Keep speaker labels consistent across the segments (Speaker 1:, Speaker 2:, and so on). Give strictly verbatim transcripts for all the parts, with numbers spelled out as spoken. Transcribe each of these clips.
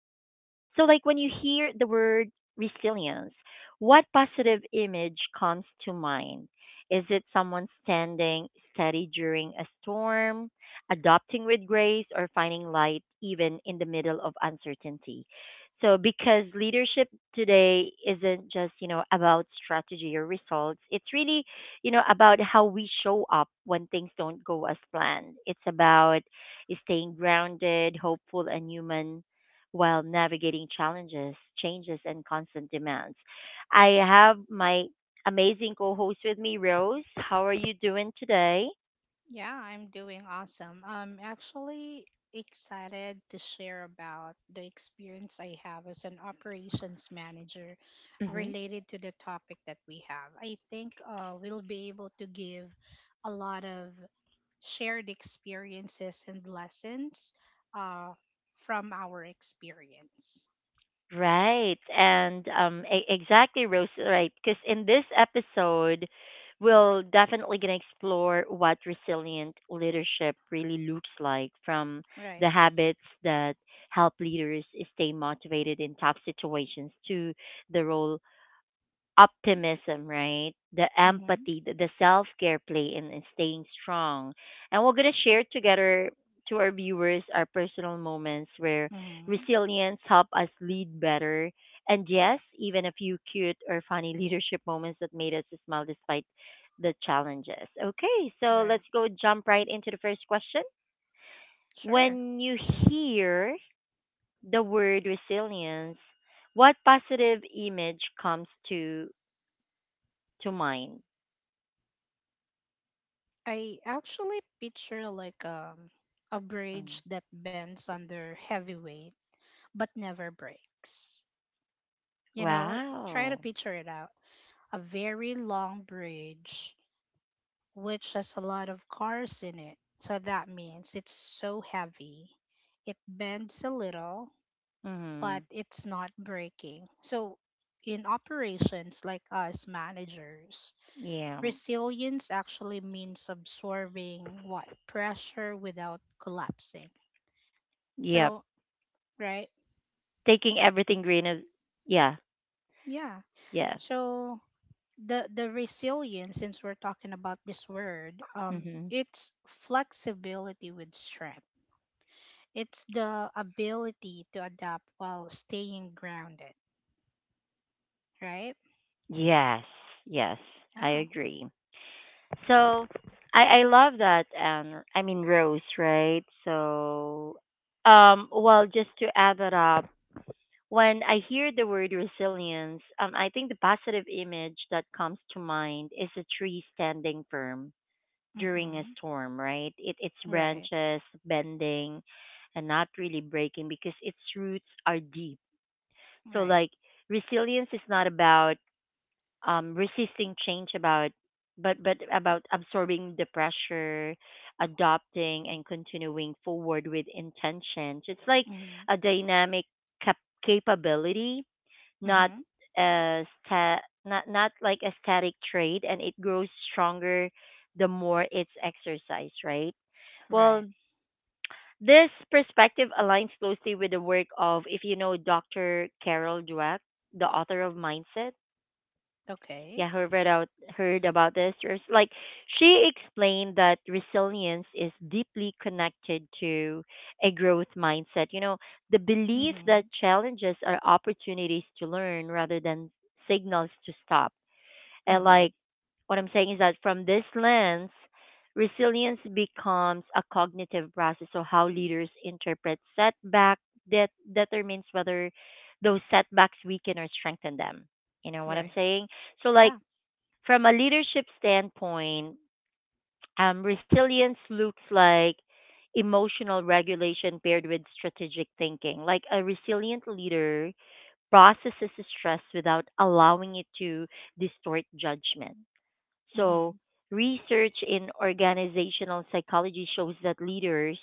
Speaker 1: like when you hear the word resilience, what positive image comes to mind? Is it someone standing steady during a storm, adopting with grace, or finding light even in the middle of uncertainty? So because leadership today isn't just, you know, about strategy or results. It's really, you know, about how we show up when things don't go as planned. It's about staying grounded, hopeful and human while navigating challenges, changes and constant demands. I have my amazing co-host with me, Rose. How are you doing today?
Speaker 2: Yeah, I'm doing awesome. I'm actually excited to share about the experience I have as an operations manager related to the topic that we have. I think uh, we'll be able to give a lot of shared experiences and lessons uh, from our experience.
Speaker 1: Right. And um e- exactly, Rose, right? Cuz in this episode we'll definitely going to explore what resilient leadership really looks like, from
Speaker 2: Right.
Speaker 1: the habits that help leaders stay motivated in tough situations, to the role optimism, right? The
Speaker 2: Mm-hmm.
Speaker 1: empathy, the, the self care play, and, and staying strong. And we're going to share together to our viewers our personal moments where
Speaker 2: Mm-hmm.
Speaker 1: resilience helped us lead better. And yes, even a few cute or funny leadership moments that made us smile despite the challenges. Okay, so
Speaker 2: Right.
Speaker 1: let's go jump right into the first question.
Speaker 2: Sure.
Speaker 1: When you hear the word resilience, what positive image comes to to mind?
Speaker 2: I actually picture like um a
Speaker 1: Mm.
Speaker 2: bridge that bends under heavy weight but never breaks. You know, try to
Speaker 1: Wow.
Speaker 2: picture it out. A very long bridge which has a lot of cars in it. So that means it's so heavy. It bends a little, but
Speaker 1: Mm-hmm.
Speaker 2: it's not breaking. So in operations like us managers,
Speaker 1: Yeah.
Speaker 2: resilience actually means absorbing what pressure without collapsing.
Speaker 1: Yep.
Speaker 2: So, right?
Speaker 1: Taking everything green is yeah.
Speaker 2: Yeah.
Speaker 1: Yeah.
Speaker 2: So the the resilience, since we're talking about this word, um
Speaker 1: Mm-hmm.
Speaker 2: it's flexibility with strength. It's the ability to adapt while staying grounded, right?
Speaker 1: Yes. Yes. I
Speaker 2: Yeah.
Speaker 1: agree. So I I love that, and I mean, Rose, right? So um well, just to add that up, when I hear the word resilience, um I think the positive image that comes to mind is a tree standing firm during a
Speaker 2: Mhm.
Speaker 1: storm, right? It its
Speaker 2: Right.
Speaker 1: branches bending and not really breaking because its roots are deep. So
Speaker 2: Right.
Speaker 1: like, resilience is not about um resisting change about but but about absorbing the pressure, adopting and continuing forward with intention. So it's like
Speaker 2: Mhm.
Speaker 1: a dynamic cap- capability, not
Speaker 2: Mhm.
Speaker 1: a sta- not not like a static trait, and it grows stronger the more it's exercised, right? Well,
Speaker 2: Right.
Speaker 1: this perspective aligns closely with the work of, if you know, doctor Carol Dweck, the author of Mindset.
Speaker 2: Okay.
Speaker 1: Yeah, heard about, heard about this. There's, like, she explained that resilience is deeply connected to a growth mindset, you know, the belief that
Speaker 2: Mhm.
Speaker 1: challenges are opportunities to learn rather than signals to stop. And like,
Speaker 2: Mhm.
Speaker 1: what I'm saying is that from this lens, resilience becomes a cognitive process, so how leaders interpret setback, that determines whether those setbacks weaken or strengthen them, you know what I'm
Speaker 2: Right.
Speaker 1: saying. So like,
Speaker 2: Yeah.
Speaker 1: from a leadership standpoint, um, resilience looks like emotional regulation paired with strategic thinking. Like, a resilient leader processes stress without allowing it to distort judgment. So,
Speaker 2: Mhm.
Speaker 1: research in organizational psychology shows that leaders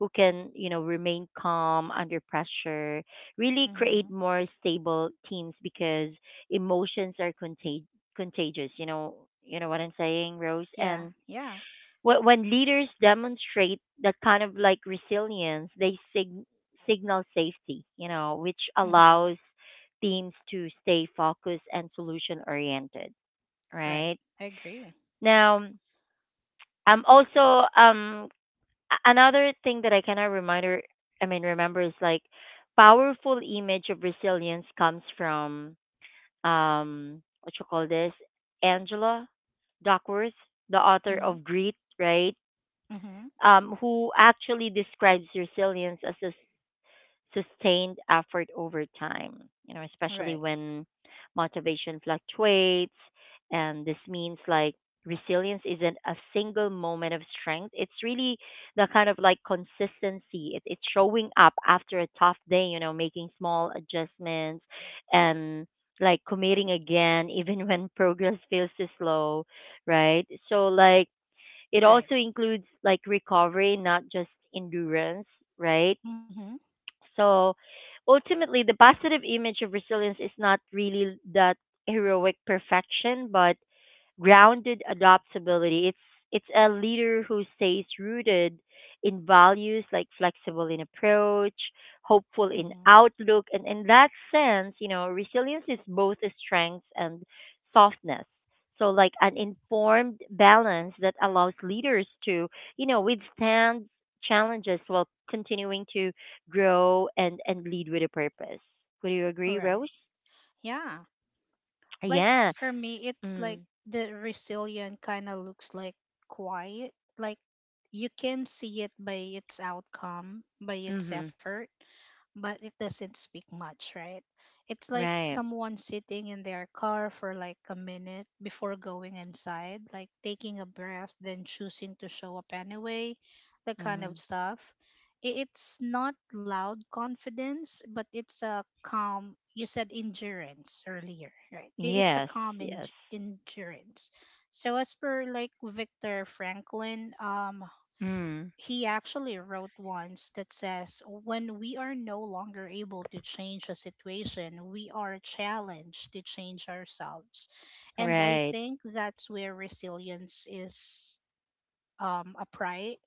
Speaker 1: who can, you know, remain calm under pressure really create
Speaker 2: Mhm.
Speaker 1: more stable teams because emotions are contag- contagious. You know, you know what I'm saying, Rose?
Speaker 2: Yeah,
Speaker 1: And
Speaker 2: yeah.
Speaker 1: wh- when leaders demonstrate that kind of like resilience, they sig- signal safety, you know, which
Speaker 2: Mm-hmm.
Speaker 1: allows teams to stay focused and solution oriented,
Speaker 2: Right.
Speaker 1: right?
Speaker 2: I agree.
Speaker 1: Now, um. Also, um, a- another thing that I cannot reminder, I mean, remember is like, powerful image of resilience comes from um, what you call this, Angela Duckworth, the author
Speaker 2: Mm-hmm.
Speaker 1: of Grit, right?
Speaker 2: Mm-hmm.
Speaker 1: Um, who actually describes resilience as a sustained effort over time, you know, especially
Speaker 2: Right.
Speaker 1: when motivation fluctuates. And this means like, resilience isn't a single moment of strength. It's really the kind of like consistency. It, it's showing up after a tough day, you know, making small adjustments and like committing again, even when progress feels too slow, right? So, like, it
Speaker 2: Right.
Speaker 1: also includes like recovery, not just endurance, right?
Speaker 2: Mm-hmm.
Speaker 1: So ultimately, the positive image of resilience is not really that heroic perfection, but grounded adaptability. It's it's a leader who stays rooted in values, like flexible in approach, hopeful in
Speaker 2: Mm-hmm.
Speaker 1: outlook, and in that sense, you know, resilience is both a strength and softness. So like, an informed balance that allows leaders to, you know, withstand challenges while continuing to grow and and lead with a purpose. Would you agree,
Speaker 2: Right.
Speaker 1: Rose?
Speaker 2: Yeah. Like
Speaker 1: Yeah.
Speaker 2: for me, it's like
Speaker 1: Mm.
Speaker 2: the resilient kind of looks like quiet. Like you can see it by its outcome, by its
Speaker 1: Mhm.
Speaker 2: effort, but it doesn't speak much, right? It's like
Speaker 1: Right.
Speaker 2: someone sitting in their car for like a minute before going inside, like taking a breath, then choosing to show up anyway, that kind of
Speaker 1: Mhm.
Speaker 2: stuff. I- It's not loud confidence, but it's a calm, you said endurance earlier, right? I- It's a
Speaker 1: Yes,
Speaker 2: calm en-
Speaker 1: yes.
Speaker 2: endurance. So as per like Victor Franklin, um,
Speaker 1: Mm,
Speaker 2: he actually wrote once that says, when we are no longer able to change a situation, we are challenged to change ourselves. And I
Speaker 1: right.
Speaker 2: think that's where resilience is um, upright.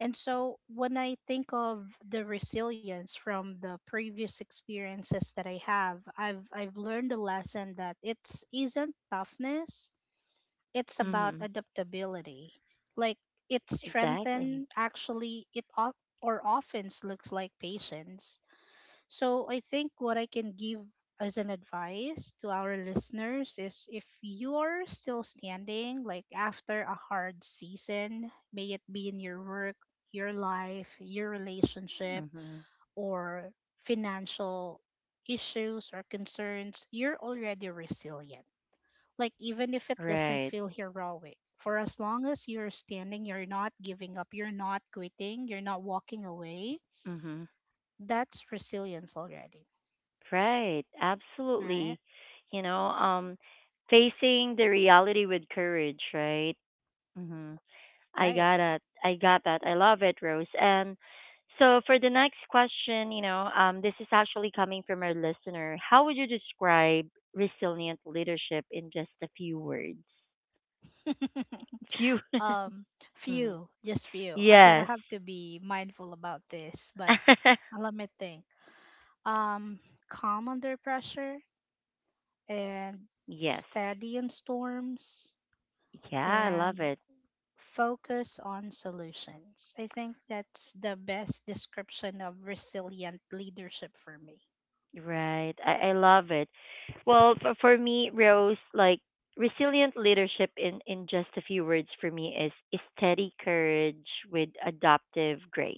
Speaker 2: And so when I think of the resilience from the previous experiences that I have, I've, I've learned a lesson that it's isn't toughness, it's about
Speaker 1: Mm,
Speaker 2: adaptability. Like it's
Speaker 1: exactly.
Speaker 2: strengthened, actually, it o- or often looks like patience. So I think what I can give as an advice to our listeners is if you're still standing, like after a hard season, may it be in your work, your life, your relationship,
Speaker 1: Mm-hmm.
Speaker 2: or financial issues or concerns, you're already resilient, like, even if it doesn't
Speaker 1: Right.
Speaker 2: feel heroic, for as long as you're standing, you're not giving up, you're not quitting, you're not walking away,
Speaker 1: Mm-hmm.
Speaker 2: that's resilience already.
Speaker 1: Right. Absolutely.
Speaker 2: Right?
Speaker 1: You know, um, facing the reality with courage, right? Mm-hmm. I
Speaker 2: Right.
Speaker 1: got it. I got that. I love it, Rose. And so for the next question, you know, um, this is actually coming from our listener. How would you describe resilient leadership in just a few words? Few.
Speaker 2: um,
Speaker 1: Mhm.
Speaker 2: few, just few. I
Speaker 1: Yes.
Speaker 2: gotta have to be mindful about this, but let me think. Um, calm under pressure and
Speaker 1: Yes.
Speaker 2: steady in storms
Speaker 1: Yeah, I
Speaker 2: and
Speaker 1: love it.
Speaker 2: focus on solutions. I think that's the best description of resilient leadership for me.
Speaker 1: Right. I, I love it. Well, for, for me, Rose, like resilient leadership in, in just a few words for me is, is steady courage with adaptive grace.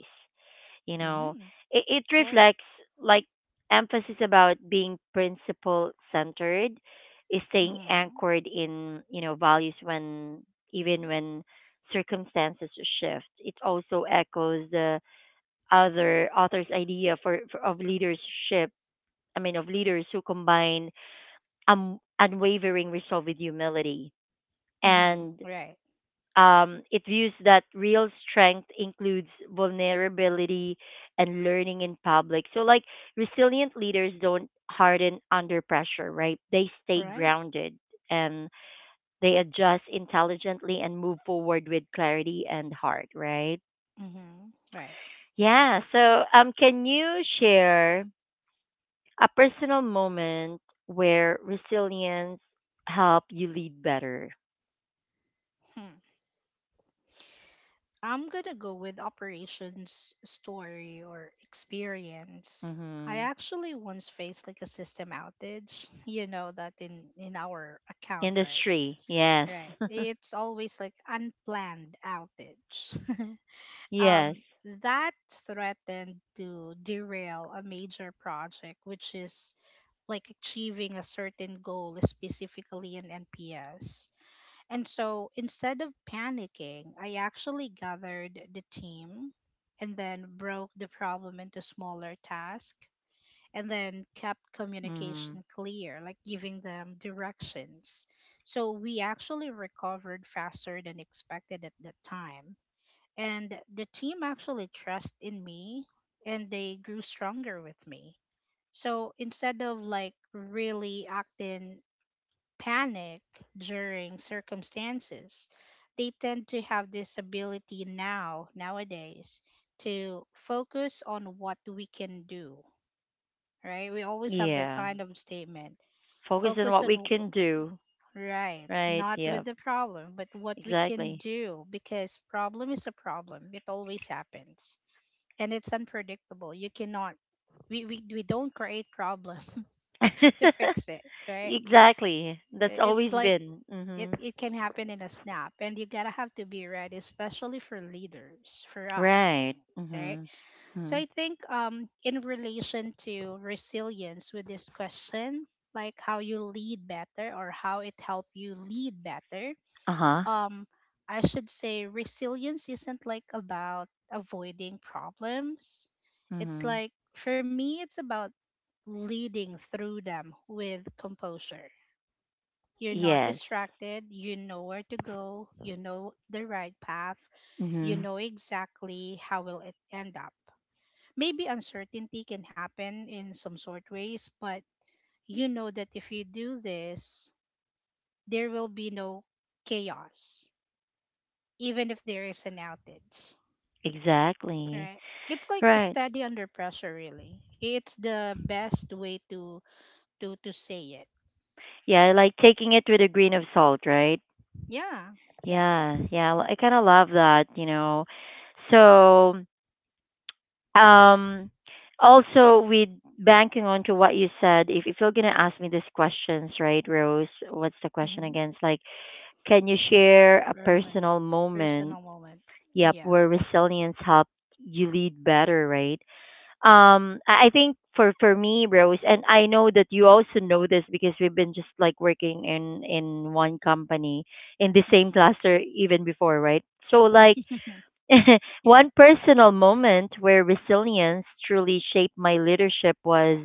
Speaker 1: You know,
Speaker 2: Mm-hmm.
Speaker 1: it, it
Speaker 2: Cool.
Speaker 1: reflects like emphasis about being principle centered, is staying
Speaker 2: Mm-hmm.
Speaker 1: anchored in, you know, values when even when circumstances shift. It also echoes the other author's idea for, for of leadership. I mean, of leaders who combine um, unwavering resolve with humility,
Speaker 2: Mm-hmm.
Speaker 1: and
Speaker 2: Right.
Speaker 1: um, it views that real strength includes vulnerability and learning in public. So, like, resilient leaders don't harden under pressure, right? They stay
Speaker 2: Right.
Speaker 1: grounded and they adjust intelligently and move forward with clarity and heart, right?
Speaker 2: Mm-hmm. Right.
Speaker 1: Yeah. So, um, can you share a personal moment where resilience helped you lead better.
Speaker 2: Hmm. I'm gonna go with operations story or experience. I
Speaker 1: Mm-hmm.
Speaker 2: actually once faced like a system outage, you know that in in our account, right?
Speaker 1: Industry, yes,
Speaker 2: Right. It's always like unplanned outage.
Speaker 1: yes,
Speaker 2: um, that threatened to derail a major project, which is like achieving a certain goal, specifically in N P S. And so instead of panicking, I actually gathered the team and then broke the problem into smaller tasks and then kept
Speaker 1: mm-hmm.
Speaker 2: communication clear, like giving them directions. So we actually recovered faster than expected at that time, and the team actually trust in me and they grew stronger with me. So instead of like really acting panic during circumstances, they tend to have this ability now nowadays to focus on what we can do. Right, we always have that
Speaker 1: Yeah.
Speaker 2: kind of statement,
Speaker 1: Focus on
Speaker 2: focus
Speaker 1: what
Speaker 2: on
Speaker 1: we
Speaker 2: w-
Speaker 1: can do,
Speaker 2: right,
Speaker 1: right?
Speaker 2: not with
Speaker 1: Yeah.
Speaker 2: the problem but what we can
Speaker 1: Exactly.
Speaker 2: do, because problem is a problem, it always happens and it's unpredictable. You cannot, we we, we don't create problem to fix it, right?
Speaker 1: Exactly. That's
Speaker 2: It's
Speaker 1: always
Speaker 2: like
Speaker 1: been.
Speaker 2: it,
Speaker 1: Mm-hmm.
Speaker 2: it can happen in a snap and you gotta have to be ready, especially for leaders, for us.
Speaker 1: Right.
Speaker 2: Right.
Speaker 1: Mm-hmm. Hmm.
Speaker 2: So I think um in relation to resilience with this question, like how you lead better or how it helped you lead better,
Speaker 1: Uh huh.
Speaker 2: um I should say resilience isn't like about avoiding problems. It's
Speaker 1: Mm-hmm.
Speaker 2: like for me it's about leading through them with composure. You're not
Speaker 1: Yes.
Speaker 2: distracted, you know where to go, you know the right path, you
Speaker 1: Mm-hmm.
Speaker 2: know exactly how will it end up. Maybe uncertainty can happen in some sort ways, but you know that if you do this, there will be no chaos, even if there is an outage.
Speaker 1: Exactly.
Speaker 2: Right, it's like
Speaker 1: Right.
Speaker 2: steady under pressure, really it's the best way to to to say it.
Speaker 1: Yeah, like taking it with a grain of salt, right?
Speaker 2: Yeah. Yeah.
Speaker 1: Yeah, yeah, l- I kind of love that, you know. So, um, also with banking on to what you said, if if you're gonna ask me these questions, right, Rose? What's the question
Speaker 2: Hmm.
Speaker 1: again? It's like, can you share a
Speaker 2: permanent
Speaker 1: personal moment?
Speaker 2: Personal moment.
Speaker 1: Yep,
Speaker 2: Yeah.
Speaker 1: where resilience helped you lead better, right? um I I think for for me, Rose, and I know that you also know this because we've been just like working in in one company in the same
Speaker 2: Hmm.
Speaker 1: cluster even before, right? So like,
Speaker 2: Yeah.
Speaker 1: one personal moment where resilience truly shaped my leadership was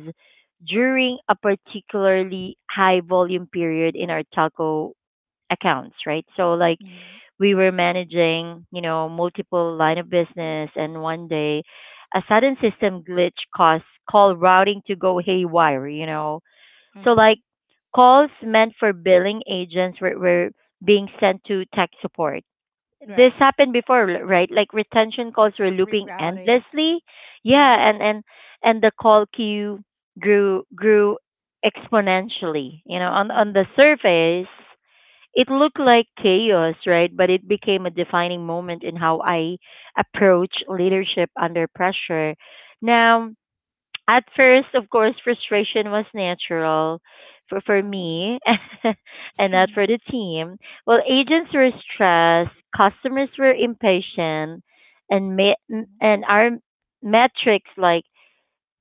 Speaker 1: during a particularly high volume period in our telco accounts, right? So like,
Speaker 2: Hmm.
Speaker 1: we were managing, you know, multiple line of business, and one day a sudden system glitch caused call routing to go haywire, you know. So like,
Speaker 2: Hmm.
Speaker 1: calls meant for billing agents were, were being sent to tech support. This
Speaker 2: Right.
Speaker 1: happened before, l- right? Like retention calls were looping
Speaker 2: Rerouting.
Speaker 1: endlessly.
Speaker 2: Yeah.
Speaker 1: Yeah, and and and the call queue grew grew exponentially. You know, on on the
Speaker 2: Hmm.
Speaker 1: surface, it looked like chaos, right? But it became a defining moment in how I approach leadership under pressure. Now, at first, of course, frustration was natural for, for
Speaker 2: Hmm.
Speaker 1: me, and not
Speaker 2: Hmm.
Speaker 1: for the team. Well, agents were stressed, customers were impatient, and ma- and our metrics like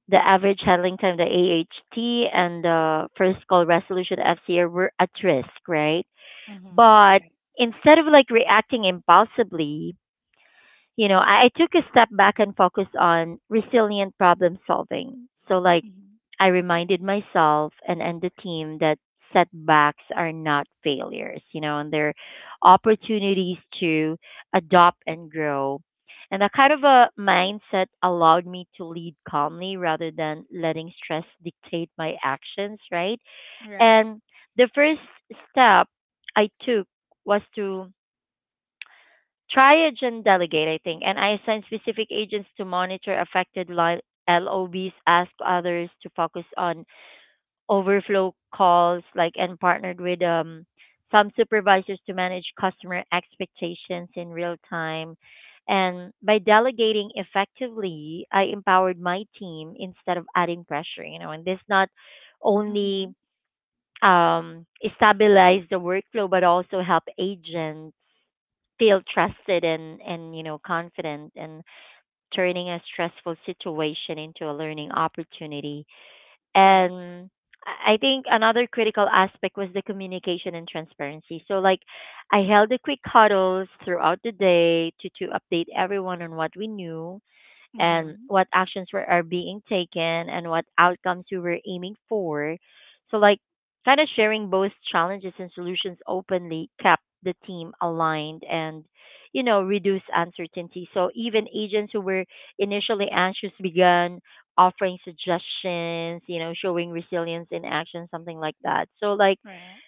Speaker 1: the average handling time, the A H T, and the first call resolution F C R were at risk, right? But
Speaker 2: Right.
Speaker 1: instead of like reacting impulsively, you know, I, I took a step back and focused on resilient problem solving. So like,
Speaker 2: Hmm.
Speaker 1: I reminded myself and, and the team that setbacks are not failures, you know, and they're opportunities to adopt and grow. And that kind of a mindset allowed me to lead calmly rather than letting stress dictate my actions, right?
Speaker 2: Right.
Speaker 1: And the first step I took was to triage and delegate, I think. And I assigned specific agents to monitor affected li- L O Bs. Asked others to focus on overflow calls, like, and partnered with um, some supervisors to manage customer expectations in real time. And by delegating effectively, I empowered my team instead of adding pressure, you know, and this not
Speaker 2: Hmm.
Speaker 1: only um, stabilize the workflow, but also help agents feel trusted and, and you know confident and turning a stressful situation into a learning opportunity.
Speaker 2: Right.
Speaker 1: And I I think another critical aspect was the communication and transparency. So like, I held the quick huddles throughout the day to, to update everyone on what we knew and
Speaker 2: Hmm.
Speaker 1: what actions were are being taken and what outcomes we were aiming for. So like, kind of sharing both challenges and solutions openly kept the team aligned and you know reduce uncertainty. So even agents who were initially anxious began offering suggestions, you know, showing resilience in action, something like that. So like
Speaker 2: Right.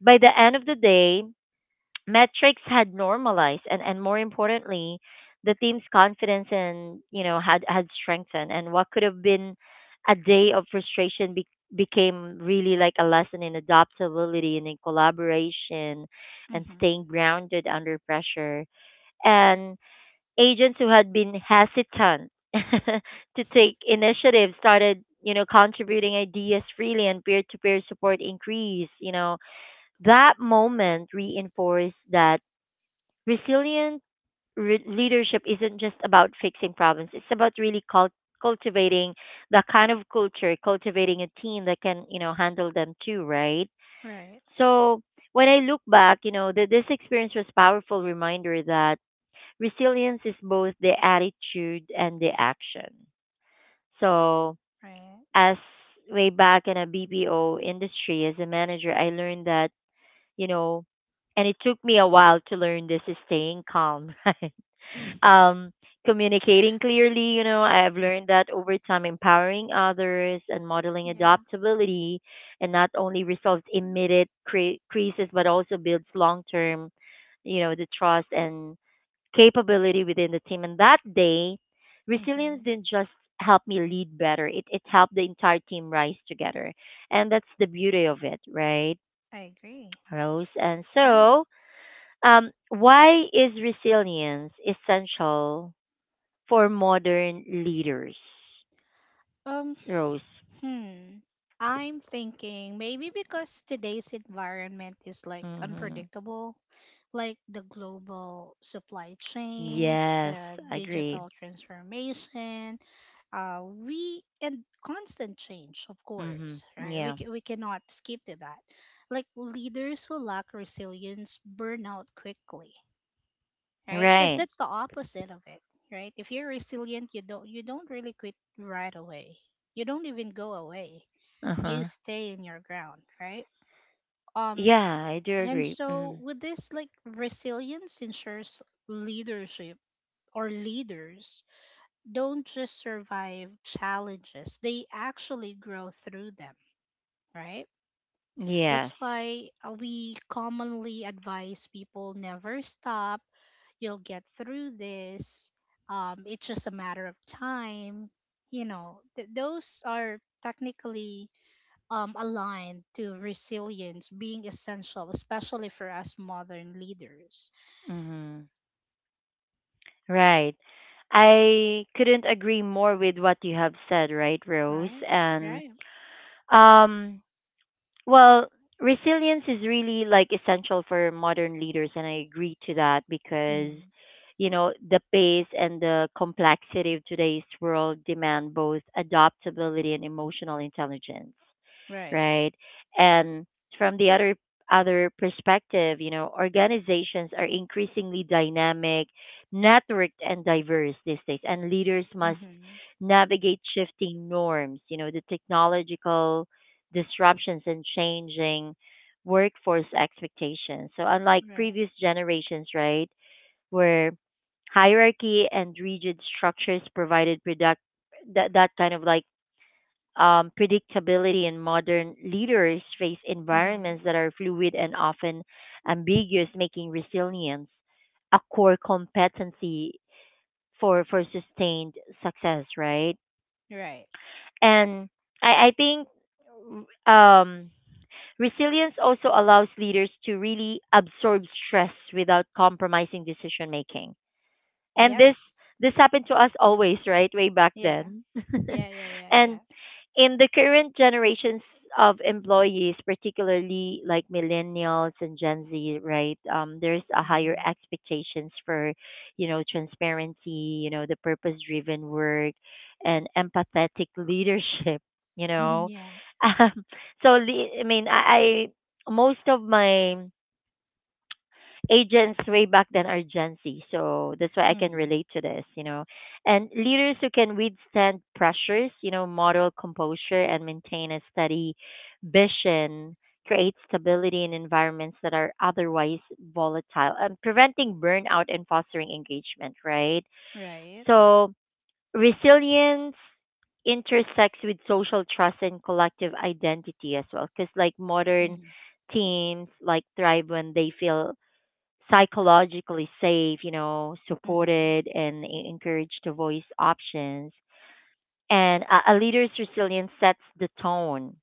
Speaker 1: by the end of the day, metrics had normalized and, and, more importantly, the team's confidence and you know had had strengthened, and what could have been a day of frustration be- became really like a lesson in adaptability and in collaboration and
Speaker 2: Hmm.
Speaker 1: staying grounded under pressure, and agents who had been hesitant to take initiative started you know contributing ideas freely, and peer to peer support increased. You know that moment reinforced that Resilient re- leadership isn't just about fixing problems. It's about really cul- cultivating that kind of culture, cultivating a team that can, you know, handle them too, right?
Speaker 2: Right.
Speaker 1: So when I look back, you know, that this experience was powerful reminder that resilience is both the attitude and the action. So
Speaker 2: Right.
Speaker 1: as way back in a B P O industry as a manager, I learned that, you know, and it took me a while to learn this is staying calm. Right? um Communicating clearly, you know I've learned that over time, empowering others and modeling
Speaker 2: Yeah.
Speaker 1: adaptability and not only resolves immediate cre- creases but also builds long term, you know the trust and capability within the team. And that day, resilience
Speaker 2: Hmm.
Speaker 1: didn't just help me lead better, it, it helped the entire team rise together. And that's the beauty of it, right,
Speaker 2: I agree.
Speaker 1: Rose? And
Speaker 2: All right.
Speaker 1: so, um, why is resilience essential for modern leaders,
Speaker 2: Um,
Speaker 1: Rose?
Speaker 2: hmm. I'm thinking maybe because today's environment is like
Speaker 1: Mm-hmm.
Speaker 2: unpredictable, like the global supply chains,
Speaker 1: Yes,
Speaker 2: the
Speaker 1: I agree.
Speaker 2: digital transformation, uh, we and constant change, of
Speaker 1: Hmm.
Speaker 2: course, right? We
Speaker 1: Yeah,
Speaker 2: ca- we cannot skip to that. Like leaders who lack resilience burn out quickly, right? Because
Speaker 1: right.
Speaker 2: that's the opposite of it, right? If you're resilient, you don't you don't really quit right away. You don't even go away. You
Speaker 1: Uh-huh.
Speaker 2: stay in your ground, right? Um,
Speaker 1: Yeah, I do
Speaker 2: and
Speaker 1: agree. Hmm.
Speaker 2: so with this, like resilience ensures leadership or leaders don't just survive challenges; they actually grow through them, right? That's
Speaker 1: Yes.
Speaker 2: why uh, we commonly advise people never stop, you'll get through this. Um, it's just a matter of time. You know, th- those are technically um, aligned to resilience being essential, especially for us modern leaders.
Speaker 1: Hmm. Right. I couldn't agree more with what you have said, right, Rose?
Speaker 2: Right?
Speaker 1: And,
Speaker 2: Right.
Speaker 1: um, well, resilience is really like essential for modern leaders, and I agree to that because,
Speaker 2: Mhm.
Speaker 1: you know, the pace and the complexity of today's world demand both adaptability and emotional intelligence,
Speaker 2: Right.
Speaker 1: right? And from the other other perspective, you know, organizations are increasingly dynamic, networked and diverse these days, and leaders must
Speaker 2: Hmm.
Speaker 1: navigate shifting norms, you know, the technological disruptions and changing workforce expectations. So unlike
Speaker 2: Right.
Speaker 1: previous generations, right, where hierarchy and rigid structures provided product that that kind of like um, predictability, and modern leaders face
Speaker 2: Hmm.
Speaker 1: environments that are fluid and often ambiguous, making resilience a core competency for, for sustained success, right?
Speaker 2: Right.
Speaker 1: And I, I think, um, resilience also allows leaders to really absorb stress without compromising decision making. And this
Speaker 2: Yes.
Speaker 1: this happened to us always, right? Way back
Speaker 2: Yeah.
Speaker 1: then.
Speaker 2: Yeah. Yeah. Yeah.
Speaker 1: And
Speaker 2: Yeah.
Speaker 1: in the current generations of employees, particularly like millennials and Gen Z, right? Um, there's a higher
Speaker 2: Hmm.
Speaker 1: expectations for, you know, transparency, you know, the purpose-driven work, and empathetic leadership. You know,
Speaker 2: Yeah.
Speaker 1: um, so le- I mean, I, I most of my agents way back then are Gen Z. So that's why I can
Speaker 2: Hmm.
Speaker 1: relate to this, you know. And leaders who can withstand pressures, you know, model composure and maintain a steady vision, create stability in environments that are otherwise volatile and preventing burnout and fostering engagement, right?
Speaker 2: Right.
Speaker 1: So resilience intersects with social trust and collective identity as well, because like modern
Speaker 2: Hmm.
Speaker 1: teams like thrive when they feel psychologically safe, you know,
Speaker 2: Hmm.
Speaker 1: supported and e- encouraged to voice options. And a, a leader's resilience sets the tone,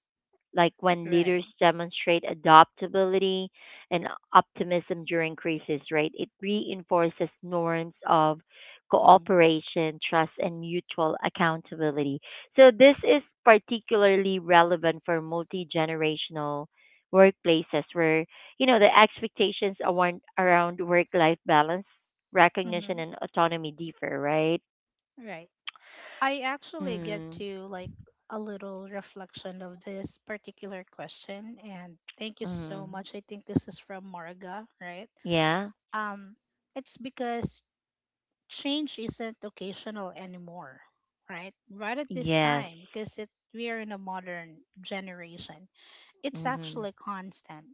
Speaker 1: like when
Speaker 2: Right.
Speaker 1: leaders demonstrate adaptability and optimism during crisis, right? It reinforces norms of
Speaker 2: Hmm.
Speaker 1: cooperation, trust, and mutual accountability. So, this is particularly relevant for multi generational workplaces where, you know, the expectations around, around work life balance, recognition,
Speaker 2: Hmm.
Speaker 1: and autonomy differ, right?
Speaker 2: Right. I actually get
Speaker 1: Mm,
Speaker 2: to like a little reflection of this particular question, and thank you so
Speaker 1: mm,
Speaker 2: much. I think this is from Marga, right?
Speaker 1: yeah.
Speaker 2: Um it's because change isn't occasional anymore, right? Right at this
Speaker 1: Yes.
Speaker 2: time because it we are in a modern generation. It's
Speaker 1: Mm-hmm.
Speaker 2: actually constant.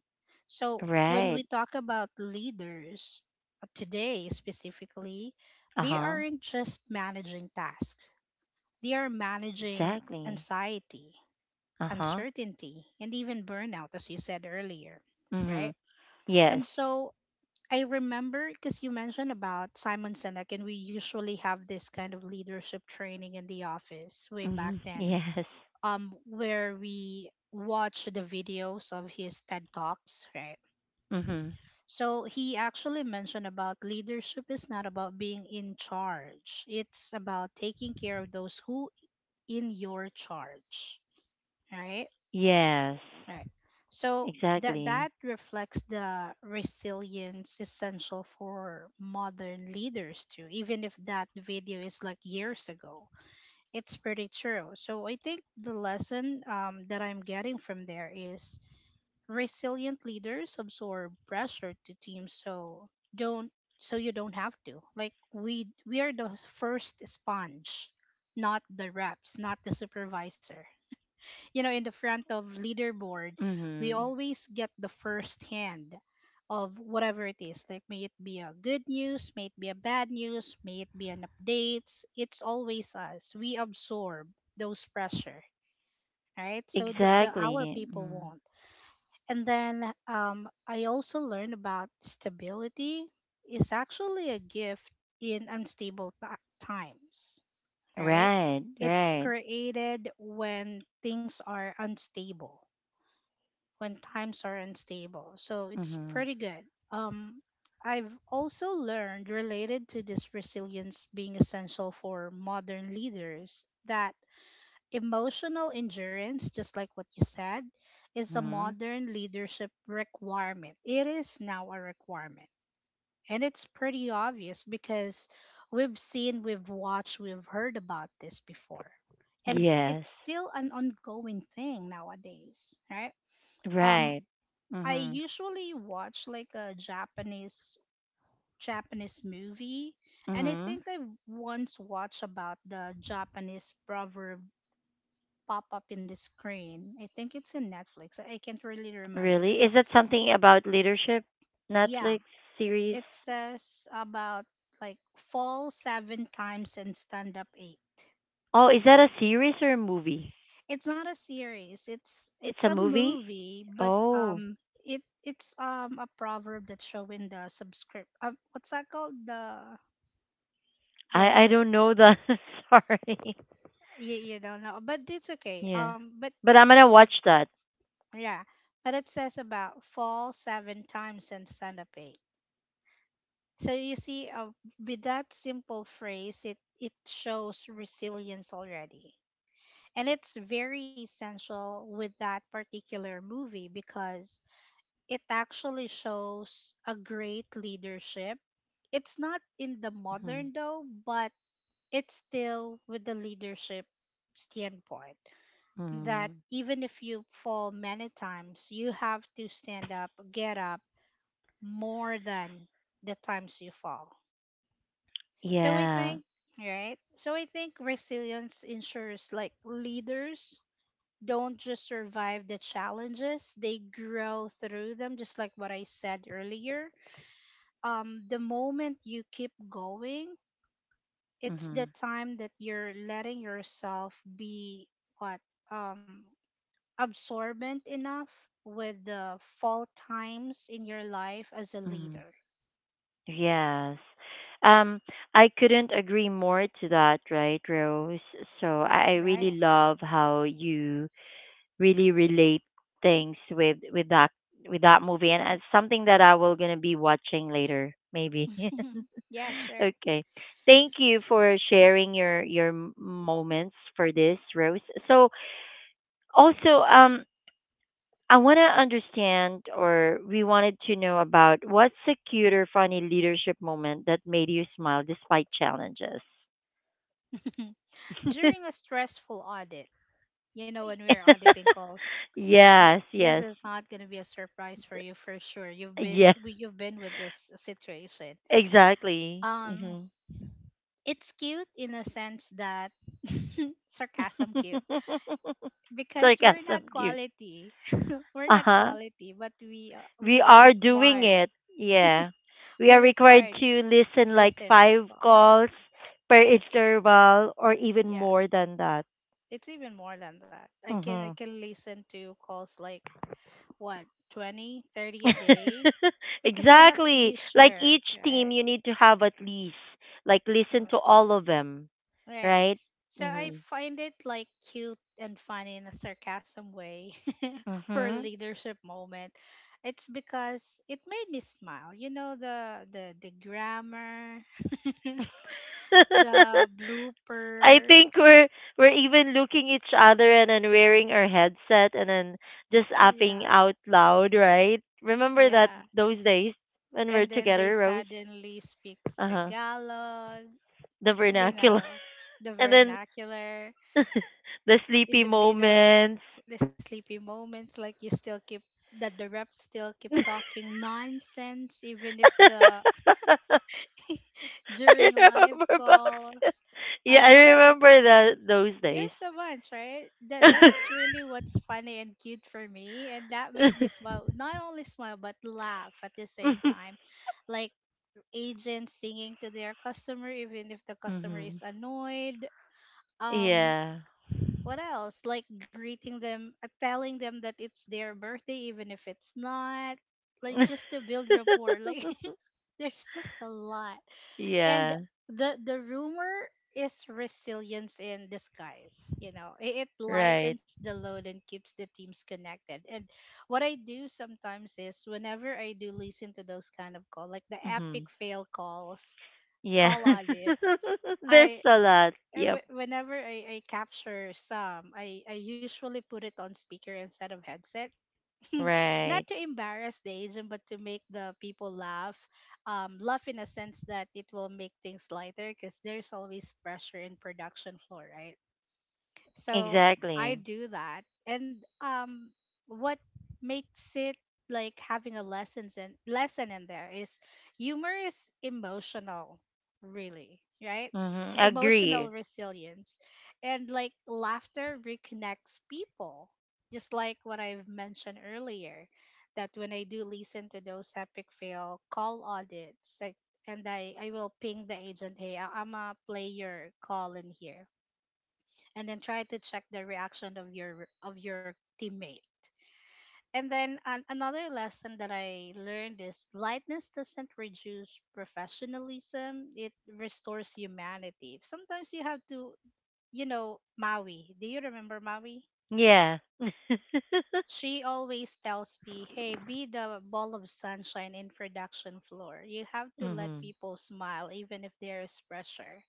Speaker 2: So when
Speaker 1: Right.
Speaker 2: we talk about leaders uh, today specifically,
Speaker 1: Uh
Speaker 2: they
Speaker 1: huh.
Speaker 2: aren't just managing tasks, they are managing
Speaker 1: Exactly.
Speaker 2: anxiety,
Speaker 1: Uh huh.
Speaker 2: uncertainty, and even burnout, as you said earlier,
Speaker 1: Mhm.
Speaker 2: right?
Speaker 1: Yes.
Speaker 2: And so I remember because you mentioned about Simon Sinek, and we usually have this kind of leadership training in the office way back
Speaker 1: Mhm.
Speaker 2: then,
Speaker 1: Yes.
Speaker 2: um, where we watch the videos of his TED Talks, right?
Speaker 1: Mhm.
Speaker 2: So he actually mentioned about leadership is not about being in charge. It's about taking care of those who in your charge. All right.
Speaker 1: Yes.
Speaker 2: All right. So that
Speaker 1: Exactly.
Speaker 2: that reflects the resilience essential for modern leaders too, even if that video is like years ago. It's pretty true. So I think the lesson, um, that I'm getting from there is resilient leaders absorb pressure to teams so don't, so you don't have to. Like we we are the first sponge, not the reps, not the supervisor, you know, in the front of leaderboard. We
Speaker 1: Mhm.
Speaker 2: always get the first hand of whatever it is, like may it be a good news, may it be a bad news, may it be an updates, it's always us, we absorb those pressure, right? So the, the our
Speaker 1: Exactly.
Speaker 2: people
Speaker 1: Mhm.
Speaker 2: won't. And then um, I also learned about stability is actually a gift in unstable ti times, right?
Speaker 1: Right.
Speaker 2: It's
Speaker 1: Right.
Speaker 2: created when things are unstable, when times are unstable. So it's
Speaker 1: Mhm.
Speaker 2: pretty good. Um, I've also learned related to this resilience being essential for modern leaders that emotional endurance, just like what you said, is a
Speaker 1: Mhm.
Speaker 2: modern leadership requirement. It is now a requirement. And it's pretty obvious because we've seen, we've watched, we've heard about this before. And
Speaker 1: Yes.
Speaker 2: it's still an ongoing thing nowadays, right? Um,
Speaker 1: Right.
Speaker 2: I
Speaker 1: Mhm.
Speaker 2: usually watch like a Japanese Japanese movie, and I
Speaker 1: Mhm.
Speaker 2: think I once watched about the Japanese proverb pop up in the screen. I think it's in Netflix. I I can't really remember.
Speaker 1: Really? Is that something about leadership?
Speaker 2: Yeah,
Speaker 1: Netflix series?
Speaker 2: it says about like fall seven times and stand up eight.
Speaker 1: Oh, is that a series or a movie?
Speaker 2: It's not a series. It's
Speaker 1: It's
Speaker 2: it's
Speaker 1: a
Speaker 2: a
Speaker 1: movie?
Speaker 2: movie, but
Speaker 1: Oh.
Speaker 2: um, it it's um, a proverb that's showing the subscript. Uh, what's that called? The the
Speaker 1: I I
Speaker 2: the
Speaker 1: don't know the sorry.
Speaker 2: you, you don't know, but it's okay,
Speaker 1: Yeah.
Speaker 2: um but
Speaker 1: But I'm gonna watch that.
Speaker 2: yeah, but it says about fall seven times and stand up eight. So you see, uh, with that simple phrase it it shows resilience already. And it's very essential with that particular movie because it actually shows a great leadership. It's not in the
Speaker 1: Mhm.
Speaker 2: modern though, but it's still with the leadership standpoint that
Speaker 1: Mhm.
Speaker 2: even if you fall many times, you have to stand up, get up more than the times you fall. So I
Speaker 1: Yeah.
Speaker 2: think, right? So I think resilience ensures like leaders don't just survive the challenges, they grow through them, just like what I said earlier. Um, the moment you keep going, it's the
Speaker 1: Mhm.
Speaker 2: time that you're letting yourself be what? Um, absorbent enough with the fall times in your life as a
Speaker 1: Mhm.
Speaker 2: leader,
Speaker 1: Yes. Um, I couldn't agree more to that, right, Rose? So I I really
Speaker 2: right?
Speaker 1: love how you really relate things with with that with that movie, and it's something that I will gonna be watching later, maybe.
Speaker 2: Yeah, sure.
Speaker 1: Okay. Thank you for sharing your your m- moments for this, Rose. So also, um, I want to understand, or we wanted to know about what's a cute or funny leadership moment that made you smile despite challenges?
Speaker 2: During a stressful audit, you know, when we're auditing calls, th-
Speaker 1: Yes,
Speaker 2: this
Speaker 1: yes,
Speaker 2: is not going to be a surprise for you for sure. You've
Speaker 1: yeah,
Speaker 2: been we, you've been with this situation.
Speaker 1: exactly.
Speaker 2: Um,
Speaker 1: Hmm.
Speaker 2: it's cute in a sense that sarcasm cute because we're not
Speaker 1: Sarcasm, cute.
Speaker 2: quality we're
Speaker 1: Uh
Speaker 2: not
Speaker 1: huh.
Speaker 2: quality but we uh, we
Speaker 1: We
Speaker 2: are
Speaker 1: are doing
Speaker 2: required
Speaker 1: it. Yeah. We
Speaker 2: we're
Speaker 1: are required
Speaker 2: required
Speaker 1: to listen like
Speaker 2: listen to
Speaker 1: five
Speaker 2: calls.
Speaker 1: calls per interval or even
Speaker 2: Yeah,
Speaker 1: more than that.
Speaker 2: it's even more than that. I can I
Speaker 1: Mm-hmm.
Speaker 2: can listen to calls like what twenty thirty a day because I have to
Speaker 1: Exactly.
Speaker 2: be
Speaker 1: Like
Speaker 2: sure,
Speaker 1: each team,
Speaker 2: right?
Speaker 1: you need to have at least like listen to
Speaker 2: Right,
Speaker 1: all of them,
Speaker 2: right.
Speaker 1: right?
Speaker 2: So I
Speaker 1: Mhm.
Speaker 2: find it like cute and funny in a sarcasm way for a
Speaker 1: Mhm.
Speaker 2: leadership moment. It's because it made me smile. You know the the the grammar, the
Speaker 1: I think
Speaker 2: bloopers.
Speaker 1: we're we're even looking each other and then wearing our headset and then
Speaker 2: Uh,
Speaker 1: just
Speaker 2: Yeah,
Speaker 1: apping out loud, right? Remember that
Speaker 2: yeah.
Speaker 1: those days when
Speaker 2: And
Speaker 1: we're
Speaker 2: then they
Speaker 1: together, Rose?
Speaker 2: suddenly speaks
Speaker 1: Uh huh.
Speaker 2: Tagalog,
Speaker 1: The
Speaker 2: you
Speaker 1: vernacular
Speaker 2: know, the
Speaker 1: and then
Speaker 2: vernacular
Speaker 1: the sleepy
Speaker 2: in the middle,
Speaker 1: moments.
Speaker 2: the sleepy moments, like you still keep that the reps still keep talking nonsense even if the
Speaker 1: I
Speaker 2: during live
Speaker 1: remember boxes.
Speaker 2: calls.
Speaker 1: Yeah,
Speaker 2: Uh,
Speaker 1: I
Speaker 2: what else?
Speaker 1: remember that those days.
Speaker 2: There's a bunch, right? That that's really what's funny and cute for me, and that made me smile. Not only smile but laugh at the same time, like agents singing to their customer even if the customer
Speaker 1: Hmm.
Speaker 2: is annoyed, um
Speaker 1: Yeah.
Speaker 2: what else, like greeting them, uh, telling them that it's their birthday even if it's not, like just to build rapport, like there's just a lot. And
Speaker 1: Yeah.
Speaker 2: the the rumor is resilience in disguise, you know, it, it
Speaker 1: Right.
Speaker 2: lightens the load and keeps the teams connected. And what I do sometimes is whenever I do listen to those kind of call, like the
Speaker 1: Hmm.
Speaker 2: epic fail calls,
Speaker 1: Yeah.
Speaker 2: call audits,
Speaker 1: There's
Speaker 2: I
Speaker 1: a lot.
Speaker 2: I-
Speaker 1: Yep.
Speaker 2: w- whenever I, I capture some, I, I usually put it on speaker instead of headset,
Speaker 1: Right.
Speaker 2: not to embarrass the agent, but to make the people laugh. Um, laugh in a sense that it will make things lighter because there's always pressure in production floor, right? So I
Speaker 1: Exactly.
Speaker 2: do that. And um what makes it like having a lessons in lesson in there is humor is emotional, really, right?
Speaker 1: Mm-hmm. Agree.
Speaker 2: Emotional resilience. And like laughter reconnects people. Just like what I've mentioned earlier, that when I do listen to those epic fail call audits, like, and I, I will ping the agent, hey, I- I'm a player call in here and then try to check the reaction of your of your teammate. And then an, another lesson that I learned is lightness doesn't reduce professionalism; it restores humanity. Sometimes you have to, you know, Maui. Do you remember Maui?
Speaker 1: Yeah.
Speaker 2: She always tells me, "Hey, be the ball of sunshine in production floor. You have to let
Speaker 1: Hmm.
Speaker 2: people smile even if there is pressure."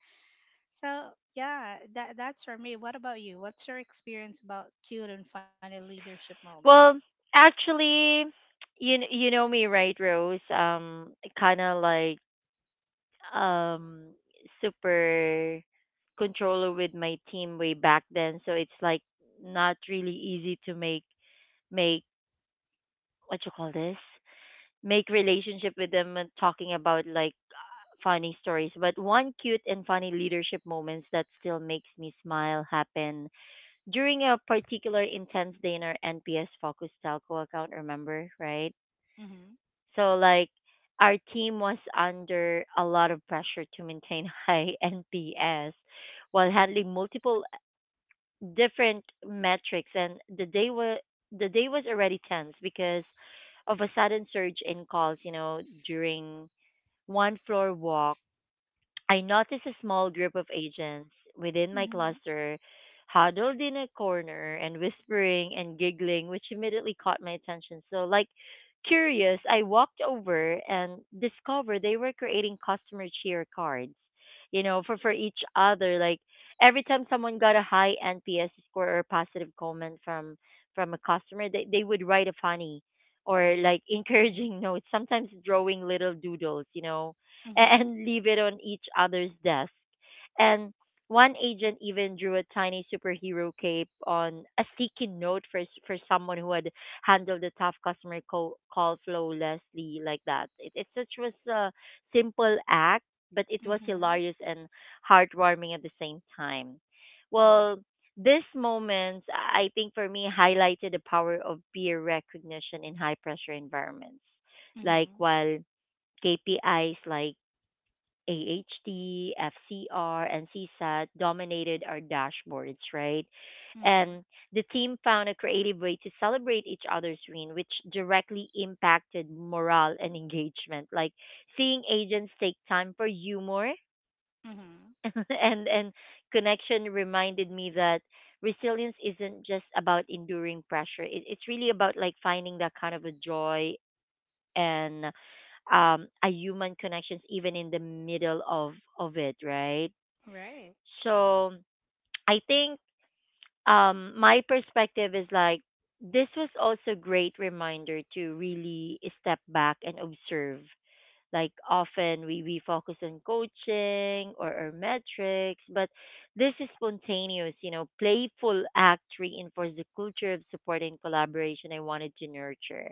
Speaker 2: So yeah, that that's for me. What about you? What's your experience about cute and funny leadership moment?
Speaker 1: Well, actually, you kn- you know me, right, Rose? Um, kind of like um super controller with my team way back then, so it's like not really easy to make make what you call this, make relationship with them and talking about like funny stories, but one cute and funny leadership moments that still makes me smile happen during a particular intense day in our NPS focus telco account, remember, right?
Speaker 2: Mhm.
Speaker 1: So like our team was under a lot of pressure to maintain high N P S while handling
Speaker 2: Mhm.
Speaker 1: multiple uh, different metrics, and the day was the day was already tense because of a sudden surge in calls, you know, during one floor walk. I noticed a small group of agents within my
Speaker 2: Mhm.
Speaker 1: cluster huddled in a corner and whispering and giggling, which immediately caught my attention. So, like, curious, I walked over and discovered they were creating customer cheer cards, you know, for, for each other. Like, every time someone got a high N P S score or a positive comment from from a customer, they, they would write a funny or like
Speaker 2: Mhm.
Speaker 1: encouraging note, sometimes drawing little doodles, you know,
Speaker 2: Mhm.
Speaker 1: and leave it on each other's desk. And one agent even drew a tiny superhero cape on a sticky note for s- for someone who had handled the tough customer call, call flawlessly like that. It, it such was a simple act, but it was
Speaker 2: Mhm.
Speaker 1: hilarious and heartwarming at the same time. Well, this moment, I think for me, highlighted the power of peer recognition in high pressure environments. Like
Speaker 2: Mhm.
Speaker 1: while K P Is like A H D, F C R, and CSAT dominated our dashboards, right?
Speaker 2: Mhm.
Speaker 1: And the team found a creative way to celebrate each other's win, which directly impacted morale and engagement. Like seeing agents take time for humor
Speaker 2: Mhm.
Speaker 1: and, and connection reminded me that resilience isn't just about enduring pressure. It, it's really about like finding that kind of a joy and um, a human connections even in the middle of of it, right?
Speaker 2: Right.
Speaker 1: So I think, um, my perspective is like this was also great reminder to really step back and observe. Like often we, we focus on coaching or, or metrics, but this is spontaneous, you know, playful act reinforces the culture of support and collaboration I wanted to nurture.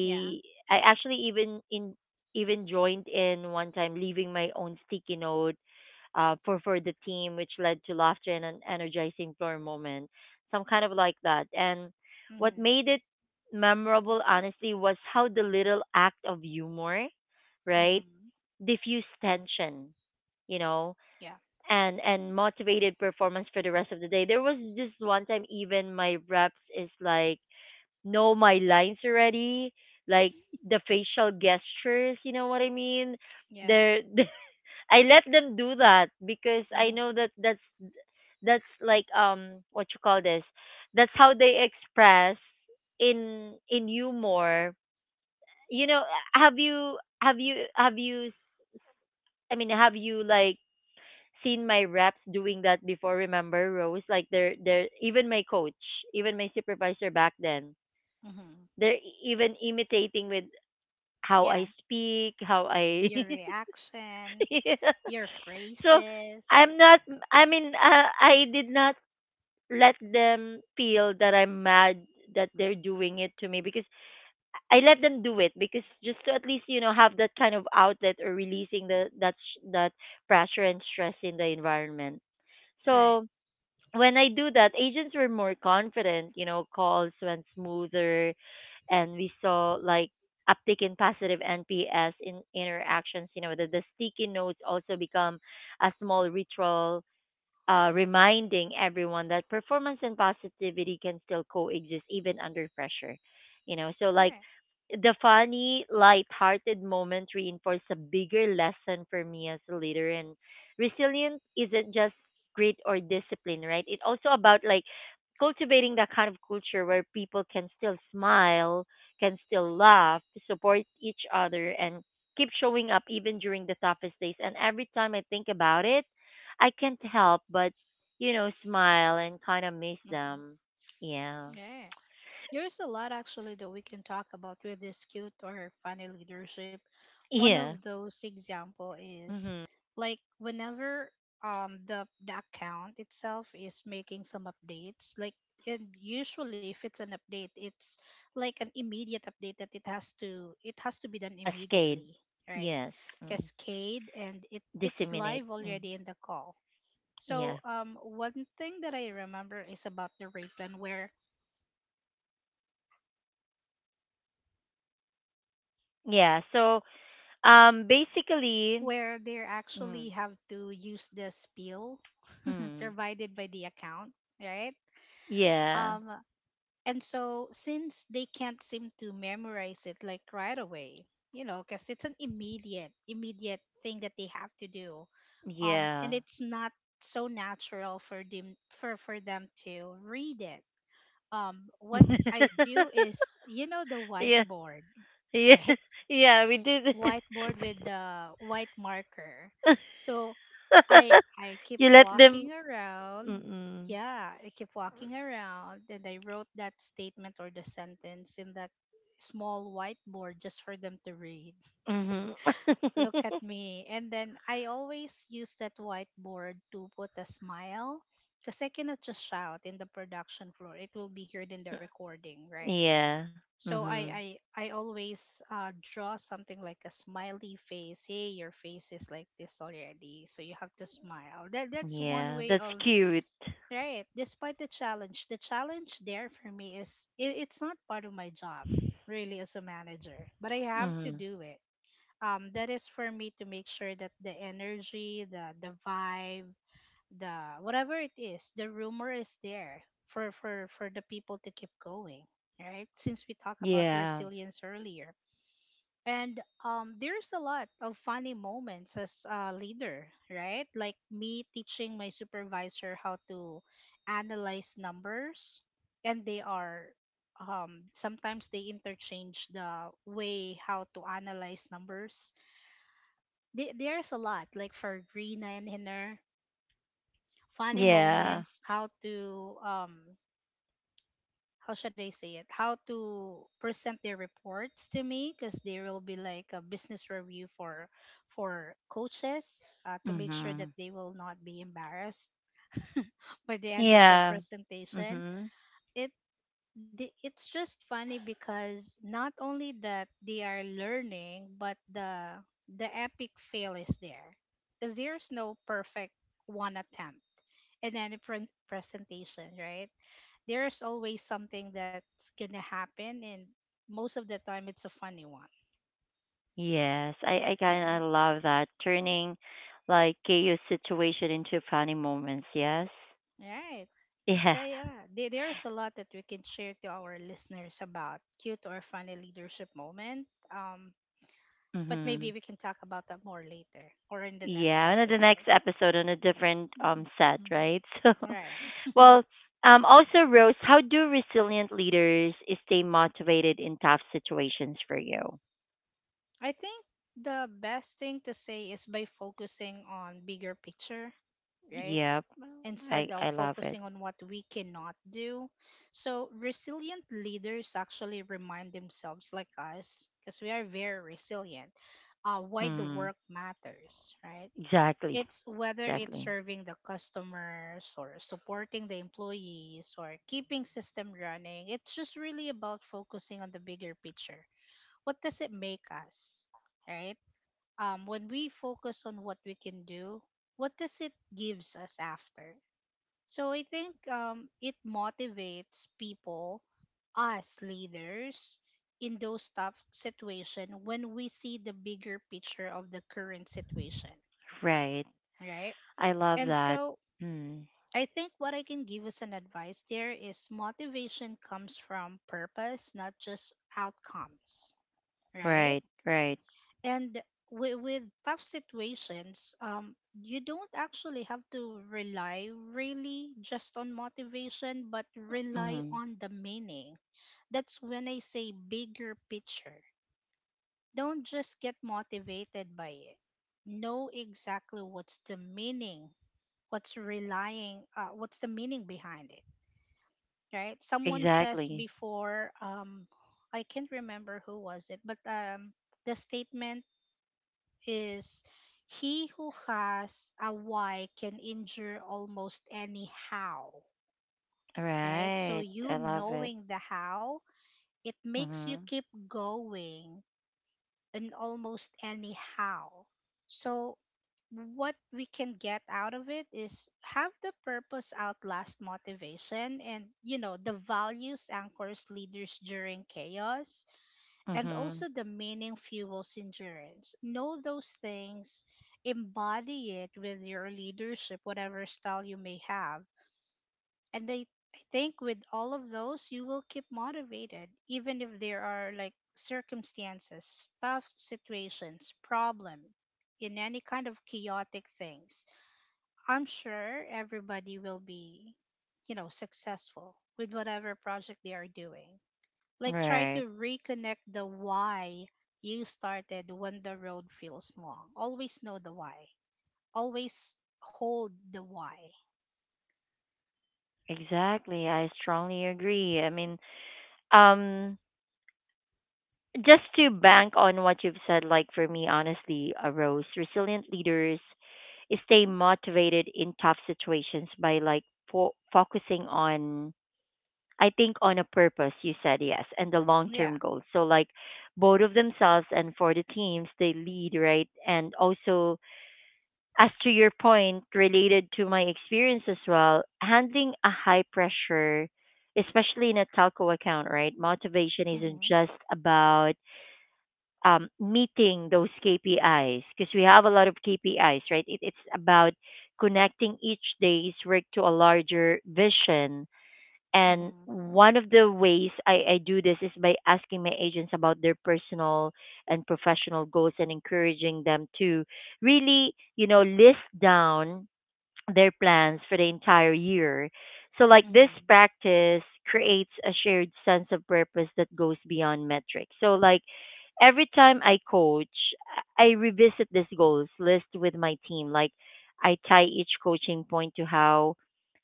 Speaker 2: Yeah.
Speaker 1: I actually even in even joined in one time, leaving my own sticky note uh, for for the team, which led to laughter and an energizing floor moment, some kind of like that. And what
Speaker 2: Mhm.
Speaker 1: made it memorable, honestly, was how the little act of humor, right,
Speaker 2: Mhm.
Speaker 1: diffused tension, you know,
Speaker 2: Yeah.
Speaker 1: and and motivated performance for the rest of the day. There was this one time, even my reps is like know my lines already, like the facial gestures, you know what I mean?
Speaker 2: Yeah.
Speaker 1: They're I let them do that because I know
Speaker 2: Mhm.
Speaker 1: that that's that's like um what you call this. That's how they express in in humor. You know, have you have you have you I mean, have you like seen my reps doing that before, remember, Rose? Like they're they're even my coach, even my supervisor back then.
Speaker 2: Mhm.
Speaker 1: They're e-, even imitating with how I
Speaker 2: Yeah.
Speaker 1: speak, how I
Speaker 2: Your reaction,
Speaker 1: Yeah.
Speaker 2: your
Speaker 1: So I'm
Speaker 2: phrases.
Speaker 1: not. I mean, uh, I did not let them feel that I'm mad that they're doing it to me because I let them do it because just to at least, you know, have that kind of outlet or releasing the that sh- that pressure and stress in the environment.
Speaker 2: Right.
Speaker 1: So when I do that, agents were more confident, you know, calls went smoother, and we saw like uptick in positive N P S in interactions, you know, the, the sticky notes also become a small ritual uh, reminding everyone that performance and positivity can still coexist even under pressure. You know, so like
Speaker 2: Right.
Speaker 1: the funny, light-hearted moment reinforced a bigger lesson for me as a leader. And resilience isn't just grit or discipline, right? It's also about like cultivating that kind of culture where people can still smile, can still laugh, support each other, and keep showing up even during the toughest days. And every time I think about it, I can't help but, you know, smile and kind of miss
Speaker 2: Mhm.
Speaker 1: them. Yeah.
Speaker 2: Yeah. There's a lot actually that we can talk about with this cute or funny leadership. One
Speaker 1: Yeah.
Speaker 2: of those example is
Speaker 1: Hmm.
Speaker 2: like whenever um the the account itself is making some updates, like, and usually if it's an update, it's like an immediate update that it has to it has to be done
Speaker 1: Cascade.
Speaker 2: immediately, right?
Speaker 1: Yes. Mm.
Speaker 2: Cascade, and it it's
Speaker 1: Disseminate.
Speaker 2: live
Speaker 1: Mm.
Speaker 2: already in the call.
Speaker 1: Yeah.
Speaker 2: So um one thing that I remember is about the rate plan, where
Speaker 1: Yeah. So, um, basically,
Speaker 2: where they
Speaker 1: mm,
Speaker 2: actually have to use the spiel
Speaker 1: mm,
Speaker 2: provided by the account, right?
Speaker 1: yeah.
Speaker 2: Um, and so since they can't seem to memorize it like right away, you know, because it's an immediate, immediate thing that they have to do. Um, and
Speaker 1: Yeah.
Speaker 2: it's not so natural for them for for them to read it. Um, what I do is, you know, the
Speaker 1: Yeah.
Speaker 2: whiteboard,
Speaker 1: Yeah.
Speaker 2: right?
Speaker 1: Yeah. We did.
Speaker 2: Whiteboard with the white marker. So I I keep
Speaker 1: You let them.
Speaker 2: walking around.
Speaker 1: Mm-mm.
Speaker 2: Yeah, I keep walking around and I wrote that statement or the sentence in that small whiteboard just for them to read.
Speaker 1: Mm-hmm.
Speaker 2: Look at me. And then I always use that whiteboard to put a smile because I cannot just shout in the production floor. It will be heard in the recording, right?
Speaker 1: Yeah.
Speaker 2: So
Speaker 1: Mm-hmm.
Speaker 2: I I I always uh, draw something like a smiley face. Hey, your face is like this already, so you have to smile. That that's one
Speaker 1: Yeah,
Speaker 2: way
Speaker 1: that's
Speaker 2: of,
Speaker 1: cute.
Speaker 2: right. Despite the challenge, the challenge there for me is it, it's not part of my job really as a manager, but I have to
Speaker 1: Mm-hmm.
Speaker 2: do it. Um, that is for me to make sure that the energy, the the vibe, the whatever it is the rumor is there for for for the people to keep going, right, since we talk about
Speaker 1: Yeah.
Speaker 2: resilience earlier. And um there's a lot of funny moments as a leader, right, like me teaching my supervisor how to analyze numbers, and they are, um sometimes they interchange the way how to analyze numbers. Th- there's a lot, like for Rina and Hiner, funny
Speaker 1: Yeah.
Speaker 2: moments, how to um how should I say it? How to present their reports to me because there will be like a business review for for coaches, uh, to make sure
Speaker 1: Mm-hmm.
Speaker 2: that they will not be embarrassed by the end of the
Speaker 1: Yeah.
Speaker 2: presentation.
Speaker 1: Mm-hmm.
Speaker 2: It the- it's just funny because not only that they are learning, but the the epic fail is there because there's no perfect one attempt in any pre- presentation, right? There's always something that's gonna happen, and most of the time it's a funny one,
Speaker 1: Yes, I, I
Speaker 2: right,
Speaker 1: kind of love that. Turning like chaos situation into funny moments, yes?
Speaker 2: right.
Speaker 1: Yeah.
Speaker 2: Yeah, yeah, there, there's a lot that we can share to our listeners about cute or funny leadership moment, um but
Speaker 1: Mm-hmm.
Speaker 2: maybe we can talk about that more later or in the next
Speaker 1: Yeah, and then the
Speaker 2: episode.
Speaker 1: next episode on a different um
Speaker 2: Mhm.
Speaker 1: set,
Speaker 2: Mm.
Speaker 1: right? So,
Speaker 2: Right.
Speaker 1: well, um, also Rose, how do resilient leaders stay motivated in tough situations for you?
Speaker 2: I think the best thing to say is by focusing on bigger picture, right,
Speaker 1: Yep, I
Speaker 2: instead of
Speaker 1: I love it.
Speaker 2: focusing on what we cannot do. So, resilient leaders actually remind themselves, like us, because we are very resilient, uh, why the
Speaker 1: Mm,
Speaker 2: work matters, right?
Speaker 1: exactly.
Speaker 2: It's whether it's
Speaker 1: Exactly.
Speaker 2: serving the customers or supporting the employees or keeping system running. It's just really about focusing on the bigger picture. What does it make us, right? Um, when we focus on what we can do, what does it gives us after? So I think um, it motivates people, us leaders, in those tough situations when we see the bigger picture of the current situation,
Speaker 1: Right.
Speaker 2: right?
Speaker 1: I love
Speaker 2: And
Speaker 1: that.
Speaker 2: so
Speaker 1: Mm,
Speaker 2: I think what I can give as an advice there is motivation comes from purpose, not just outcomes, right?
Speaker 1: right. Right.
Speaker 2: And with, with tough situations, um you don't actually have to rely really just on motivation but rely
Speaker 1: Mm,
Speaker 2: on the meaning. That's when I say bigger picture, don't just get motivated by it, know exactly what's the meaning, what's relying uh, what's the meaning behind it, right? Someone says
Speaker 1: exactly.
Speaker 2: before, um i can't remember who was it, but um the statement is, he who has a why can injure almost any how, right? So
Speaker 1: Right. I
Speaker 2: you
Speaker 1: love it.
Speaker 2: knowing the how, it makes you
Speaker 1: Mhm.
Speaker 2: keep going in almost any how. So what we can get out of it is have the purpose outlast motivation, and you know the values anchors leaders during chaos, and
Speaker 1: Mhm.
Speaker 2: also the meaning fuels endurance. Know those things, embody it with your leadership, whatever style you may have. And I, I think with all of those, you will keep motivated, even if there are like circumstances, tough situations, problem, in any kind of chaotic things. I'm sure everybody will be, you know, successful with whatever project they are doing. Like try
Speaker 1: Right.
Speaker 2: to reconnect the why you started when the road feels long. Always know the why. Always hold the why.
Speaker 1: Exactly. I strongly agree. I mean, um just to bank on what you've said, like for me honestly, uh, Rose, resilient leaders stay motivated in tough situations by like fo- focusing on, I think, on a purpose, you said, yes, and the long
Speaker 2: Yeah.
Speaker 1: term goals. So like both of themselves and for the teams they lead, right? And also, as to your point related to my experience as well, handling a high pressure, especially in a telco account, right? Motivation isn't
Speaker 2: Mhm.
Speaker 1: just about um, meeting those K P Is, because we have a lot of K P Is, right? It, it's about connecting each day's work to a larger vision, and
Speaker 2: Mhm.
Speaker 1: one of the ways I, I do this is by asking my agents about their personal and professional goals and encouraging them to really, you know, list down their plans for the entire year. So, like,
Speaker 2: Mhm.
Speaker 1: this practice creates a shared sense of purpose that goes beyond metrics. So, like, every time I coach, I revisit this goals list with my team. Like, I tie each coaching point to how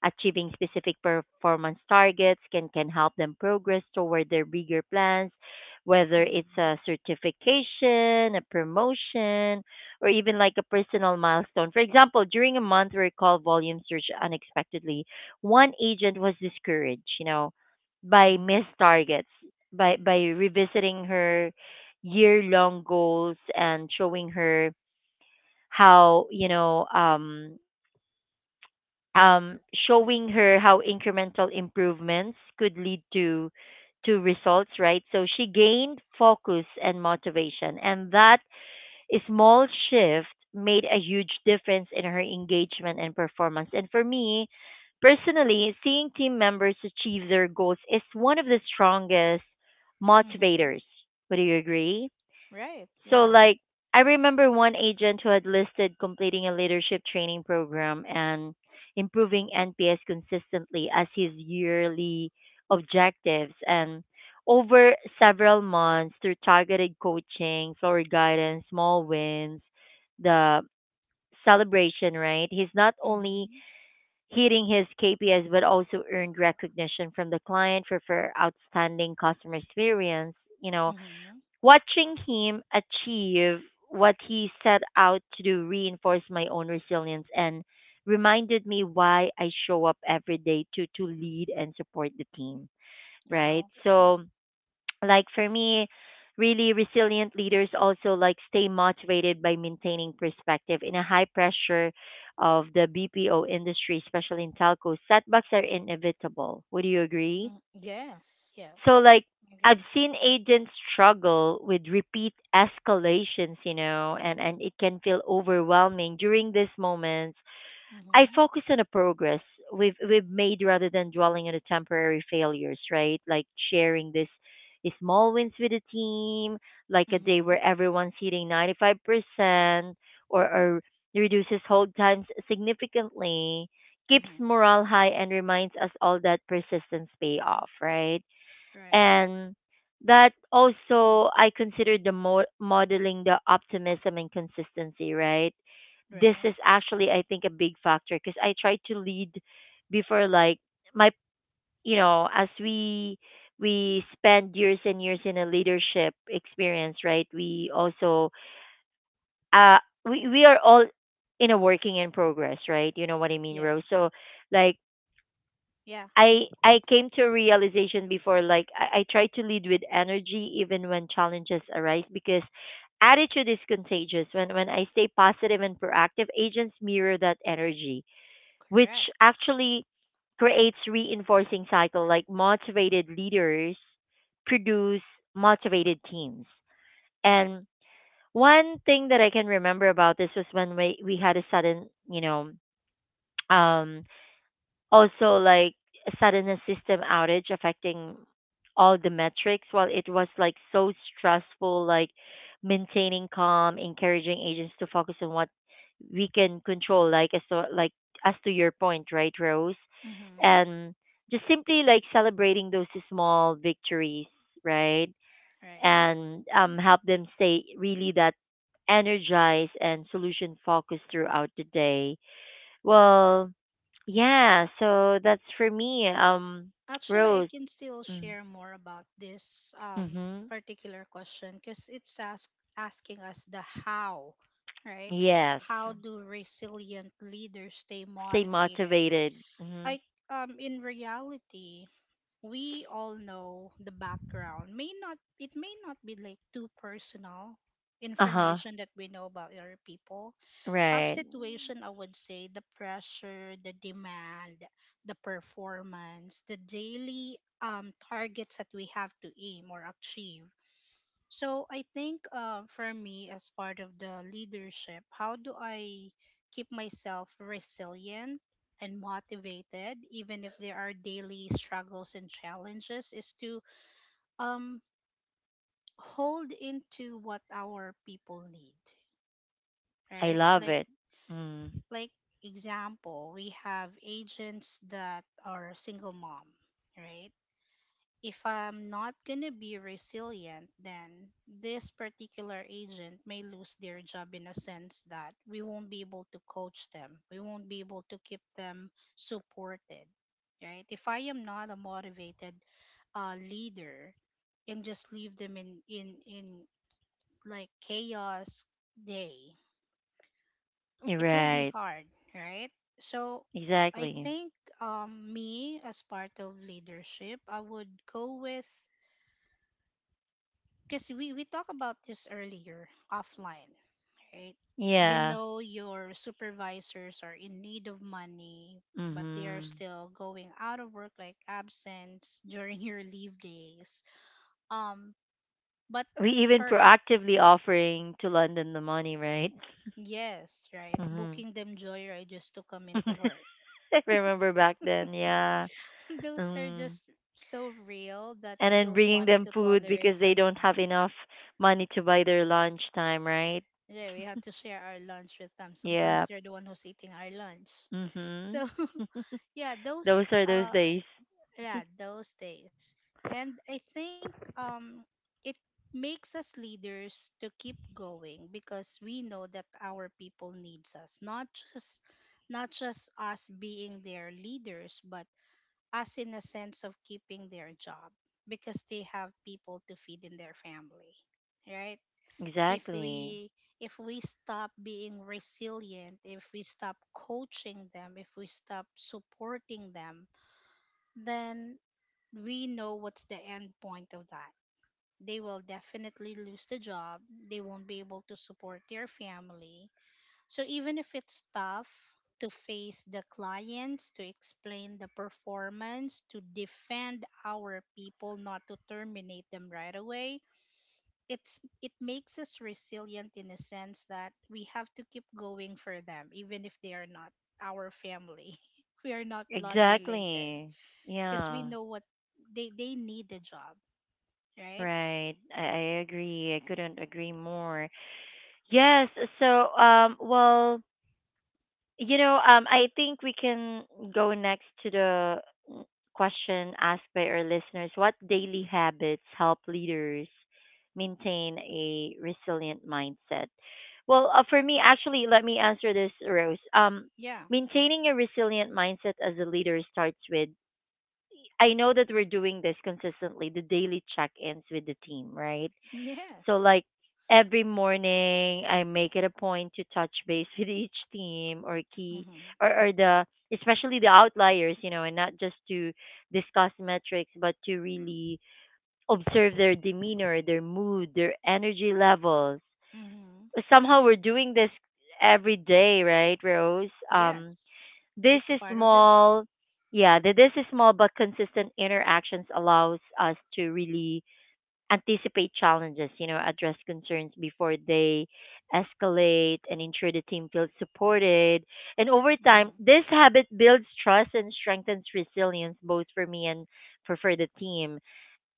Speaker 1: achieving specific performance targets can, can help them progress toward their bigger plans, whether it's
Speaker 2: Mhm.
Speaker 1: a certification, a promotion, or even like a personal milestone. For example, during a month where call volume surged unexpectedly, one agent was discouraged, you know, by
Speaker 2: Mhm.
Speaker 1: missed targets, by by revisiting her year long goals and showing her how, you know um um showing her how incremental improvements could lead to to results, right? So she gained focus and motivation, and that small shift made a huge difference in her engagement and performance. And for me, personally, seeing team members achieve their goals is one of the strongest
Speaker 2: Mhm.
Speaker 1: motivators. Would you agree?
Speaker 2: Right.
Speaker 1: So
Speaker 2: Yeah.
Speaker 1: like, I remember one agent who had listed completing a leadership training program and improving N P S consistently as his yearly objectives, and over several months, through targeted coaching, floor guidance, small wins, the celebration, right? He's not only
Speaker 2: Mhm.
Speaker 1: hitting his K P Is but also earned recognition from the client for, for outstanding customer experience, you know.
Speaker 2: Mhm.
Speaker 1: Watching him achieve what he set out to do reinforced my own resilience and reminded me why I show up every day to to lead and support the team, right?
Speaker 2: Wow.
Speaker 1: So, like for me, really resilient leaders also like stay motivated by maintaining perspective in a high pressure of the B P O industry, especially in telco. Setbacks are inevitable. Would you agree?
Speaker 2: Mm, yes.
Speaker 1: So
Speaker 2: Yes.
Speaker 1: like, I've
Speaker 2: Agree.
Speaker 1: seen agents struggle with repeat escalations, you know, and and it can feel overwhelming during these moments. I
Speaker 2: Mhm.
Speaker 1: focus on the progress we've we've made rather than dwelling on the temporary failures, right? Like sharing this small wins with the team, like a day
Speaker 2: Mhm.
Speaker 1: where everyone's hitting ninety-five percent or or reduces hold times significantly, keeps
Speaker 2: Mhm.
Speaker 1: morale high and reminds us all that persistence pay off, right?
Speaker 2: Right.
Speaker 1: And that also, I consider the mo- modeling the optimism and consistency, right? This is
Speaker 2: Right.
Speaker 1: actually, I think, a big factor because I try to lead before, like, my, you know, as we we spend years and years in a leadership experience, right? We also uh we we are all in a working in progress, right? You know what I mean, Rose. So
Speaker 2: Yes.
Speaker 1: like,
Speaker 2: Yeah.
Speaker 1: I I came to a realization before, like, I, I try to lead with energy even when challenges arise because attitude is contagious. When when I stay positive and proactive, agents mirror that energy, which
Speaker 2: Correct.
Speaker 1: actually creates reinforcing cycle. Like motivated leaders produce motivated teams.
Speaker 2: Right.
Speaker 1: And one thing that I can remember about this was when we we had a sudden, you know, um also, like a sudden a system outage affecting all the metrics. While it was like so stressful, like maintaining calm, encouraging agents to focus on what we can control. Like as to, like as to your point, right, Rose,
Speaker 2: Mhm.
Speaker 1: and just simply like celebrating those small victories, right,
Speaker 2: Right.
Speaker 1: and um help them stay really that energized and solution focused throughout the day. Well, yeah, so that's for me, um,
Speaker 2: Actually, I
Speaker 1: Rose.
Speaker 2: can still
Speaker 1: Mm.
Speaker 2: share more about this um,
Speaker 1: Mm-hmm.
Speaker 2: particular question because it's ask, asking us the how, right?
Speaker 1: Yes.
Speaker 2: How do resilient leaders stay
Speaker 1: Stay
Speaker 2: motivated?
Speaker 1: motivated. Mm-hmm.
Speaker 2: I um, In reality, we all know the background. May not it may not be like too personal
Speaker 1: Uh-huh.
Speaker 2: information that we know about other people. Tough
Speaker 1: Right.
Speaker 2: situation, I would say the pressure, the demand, the performance, the daily um, targets that we have to aim or achieve. So I think, uh, for me, as part of the leadership, how do I keep myself resilient and motivated, even if there are daily struggles and challenges, is to um, hold into what our people need,
Speaker 1: I
Speaker 2: right?
Speaker 1: love
Speaker 2: Like
Speaker 1: it. Mm.
Speaker 2: like example we have agents that are single mom, right? If I'm not going to be resilient, then this particular agent may lose their job in a sense that we won't be able to coach them, we won't be able to keep them supported, right? If I am not a motivated uh, leader and just leave them in in in like chaos day,
Speaker 1: You're
Speaker 2: it will be
Speaker 1: right.
Speaker 2: hard, right? So I
Speaker 1: Exactly.
Speaker 2: think um me as part of leadership, I would go with, because we we talked about this earlier offline, right? You
Speaker 1: Yeah.
Speaker 2: know your supervisors are in need of money, but they are
Speaker 1: Mm-hmm.
Speaker 2: still going out of work like absence during your leave days. Um, but
Speaker 1: We even
Speaker 2: for
Speaker 1: proactively offering to London the money, right?
Speaker 2: Yes, right,
Speaker 1: Mm-hmm.
Speaker 2: booking them joyride just to come into work.
Speaker 1: Remember back then, yeah.
Speaker 2: Those are
Speaker 1: Mm.
Speaker 2: just so real that
Speaker 1: And
Speaker 2: we
Speaker 1: then
Speaker 2: don't
Speaker 1: bringing
Speaker 2: want it
Speaker 1: them
Speaker 2: to
Speaker 1: food
Speaker 2: tolerate
Speaker 1: because they don't have
Speaker 2: sometimes.
Speaker 1: enough money to buy their lunch time, right?
Speaker 2: Yeah, we have to share our lunch with them.
Speaker 1: Yeah.
Speaker 2: Sometimes they're the one who's eating our lunch.
Speaker 1: Mhm.
Speaker 2: So yeah, those
Speaker 1: Those are those
Speaker 2: uh
Speaker 1: days.
Speaker 2: yeah, those days. And I think um it makes us leaders to keep going because we know that our people needs us. Not just not just us being their leaders, but us in the sense of keeping their job, because they have people to feed in their family, right? if
Speaker 1: Exactly.
Speaker 2: we if we stop being resilient, if we stop coaching them, if we stop supporting them, then we know what's the end point of that. They will definitely lose the job, they won't be able to support their family. So even if it's tough to face the clients, to explain the performance, to defend our people, not to terminate them right away, it's it makes us resilient in a sense that we have to keep going for them, even if they are not our family. We are not blood related.
Speaker 1: Exactly.
Speaker 2: Because we
Speaker 1: Yeah.
Speaker 2: know what they, they need the job, right?
Speaker 1: Right. I, I agree. I couldn't agree more. Yes. So, um, well, you know, um, I think we can go next to the mm, question asked by our listeners. What daily habits help leaders maintain a resilient mindset? Well, uh, for me, actually, let me answer this, Rose. Um,
Speaker 2: Yeah.
Speaker 1: maintaining a resilient mindset as a leader starts with, I know that we're doing this consistently, the daily check ins with the team, right? So
Speaker 2: Yes.
Speaker 1: like every morning, I make it a point to touch base with each team or key
Speaker 2: Mm-hmm.
Speaker 1: or, or the especially the outliers, you know, and not just to discuss metrics, but to really observe their demeanor, their mood, their energy levels.
Speaker 2: Mm-hmm.
Speaker 1: Somehow we're doing this every day, right, Rose? Um,
Speaker 2: Yes.
Speaker 1: this
Speaker 2: It's
Speaker 1: is
Speaker 2: part of the day.
Speaker 1: small. Yeah, the, this is small but consistent interactions allows us to really anticipate challenges, you know, address concerns before they escalate and ensure the team feels supported. And over time,
Speaker 2: Mm-hmm.
Speaker 1: this habit builds trust and strengthens resilience both for me and for, for the team.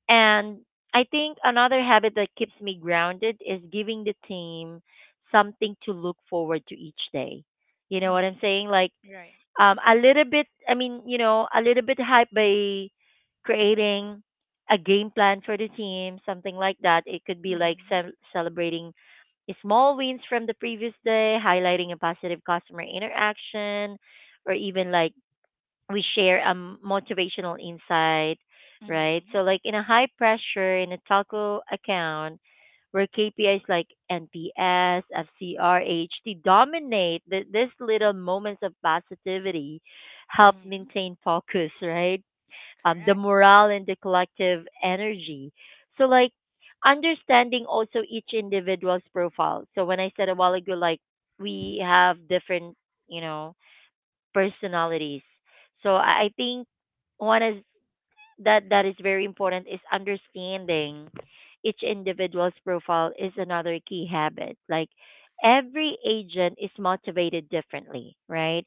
Speaker 1: And I think another habit that keeps me grounded is giving the team something to look forward to each day. You know what I'm
Speaker 2: Mm-hmm.
Speaker 1: saying? Like
Speaker 2: Right.
Speaker 1: um, a little bit, I mean, you know, a little bit hype by creating a game plan for the team, something like that. It could be like
Speaker 2: Mm-hmm.
Speaker 1: ce- celebrating small wins from the previous day, highlighting a positive customer interaction, or even like we share a m- motivational insight, right? So,
Speaker 2: Mm-hmm.
Speaker 1: like in a high pressure, in a Talko account, where K P Is like N P S, F C R, H T dominate, th- these little moments of positivity help
Speaker 2: Mm-hmm.
Speaker 1: maintain focus, right? Um, the
Speaker 2: Correct.
Speaker 1: morale and the collective energy. So, like, understanding also each individual's profile. So, when I said a while ago, like, we have different, you know, personalities. So I I think one is that that is very important, is understanding each individual's profile is another key habit. Like every agent is motivated differently, right?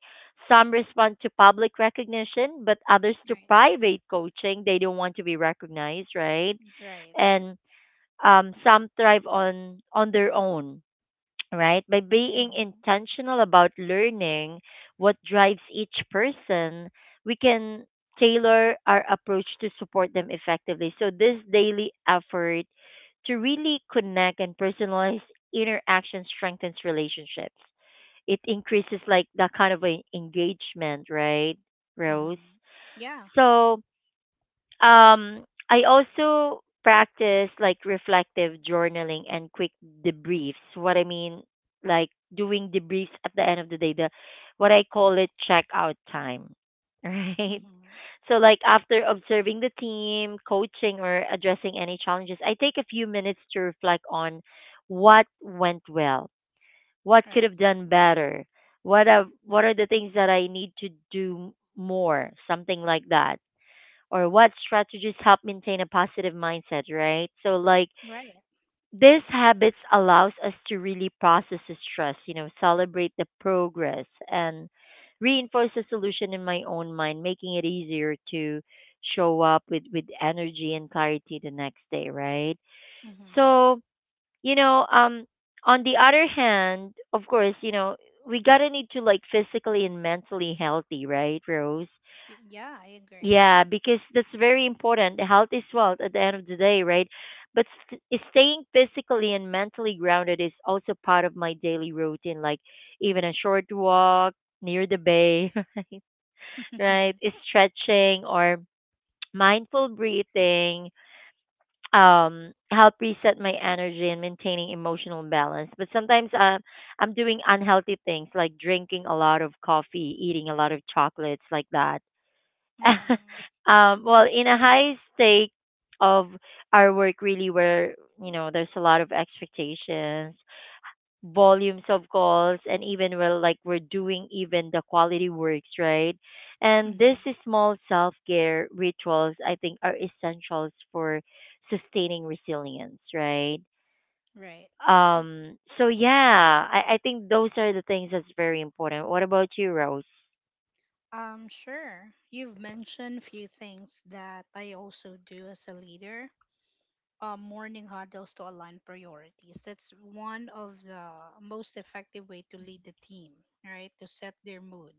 Speaker 1: Some respond to public recognition, but others to
Speaker 2: Right.
Speaker 1: private coaching. They don't want to be recognized, right?
Speaker 2: Right.
Speaker 1: And um, some thrive on on their own, right? By being
Speaker 2: Mm-hmm.
Speaker 1: intentional about learning what drives each person, we can tailor our approach to support them effectively. So, this daily effort to really connect and personalize interaction strengthens relationships. It increases like that kind of a engagement, right, Rose?
Speaker 2: Mm-hmm. Yeah.
Speaker 1: So, um, I also practice like reflective journaling and quick debriefs. What I mean, like doing debriefs at the end of the day, the what I call it checkout time, right?
Speaker 2: Mm-hmm.
Speaker 1: So like after observing the team, coaching or addressing any challenges, I take a few minutes to reflect on what went well, what could
Speaker 2: Right.
Speaker 1: have done better, what are, what are the things that I need to do more, something like that, or what strategies help maintain a positive mindset, right? So, like,
Speaker 2: Right.
Speaker 1: these habits allows us to really process the stress, you know, celebrate the progress and reinforce the solution in my own mind, making it easier to show up with, with energy and clarity the next day, right?
Speaker 2: Mm-hmm.
Speaker 1: So, you know, um, on the other hand, of course, you know, we gotta need to like physically and mentally healthy, right, Rose?
Speaker 2: Yeah, I agree.
Speaker 1: Yeah, because that's very important. Health is wealth at the end of the day, right? But st- staying physically and mentally grounded is also part of my daily routine, like even a short walk near the bay, right? Stretching or mindful breathing um help reset my energy and maintaining emotional balance. But sometimes uh, I'm doing unhealthy things like drinking a lot of coffee, eating a lot of chocolates like that.
Speaker 2: Mm-hmm.
Speaker 1: um, well,
Speaker 2: It's
Speaker 1: in a
Speaker 2: true.
Speaker 1: high state of our work, really, where you know there's a lot of expectations, volumes of calls, and even we're like we're doing even the quality works, right? And
Speaker 2: Mm-hmm.
Speaker 1: this is small self care rituals, I think, are essentials for sustaining resilience, right?
Speaker 2: Right.
Speaker 1: Um, so yeah, I, I think those are the things that's very important. What about you, Rose?
Speaker 2: Um, sure. You've mentioned few things that I also do as a leader. Uh, morning huddles to align priorities. That's one of the most effective way to lead the team, right? To set their mood.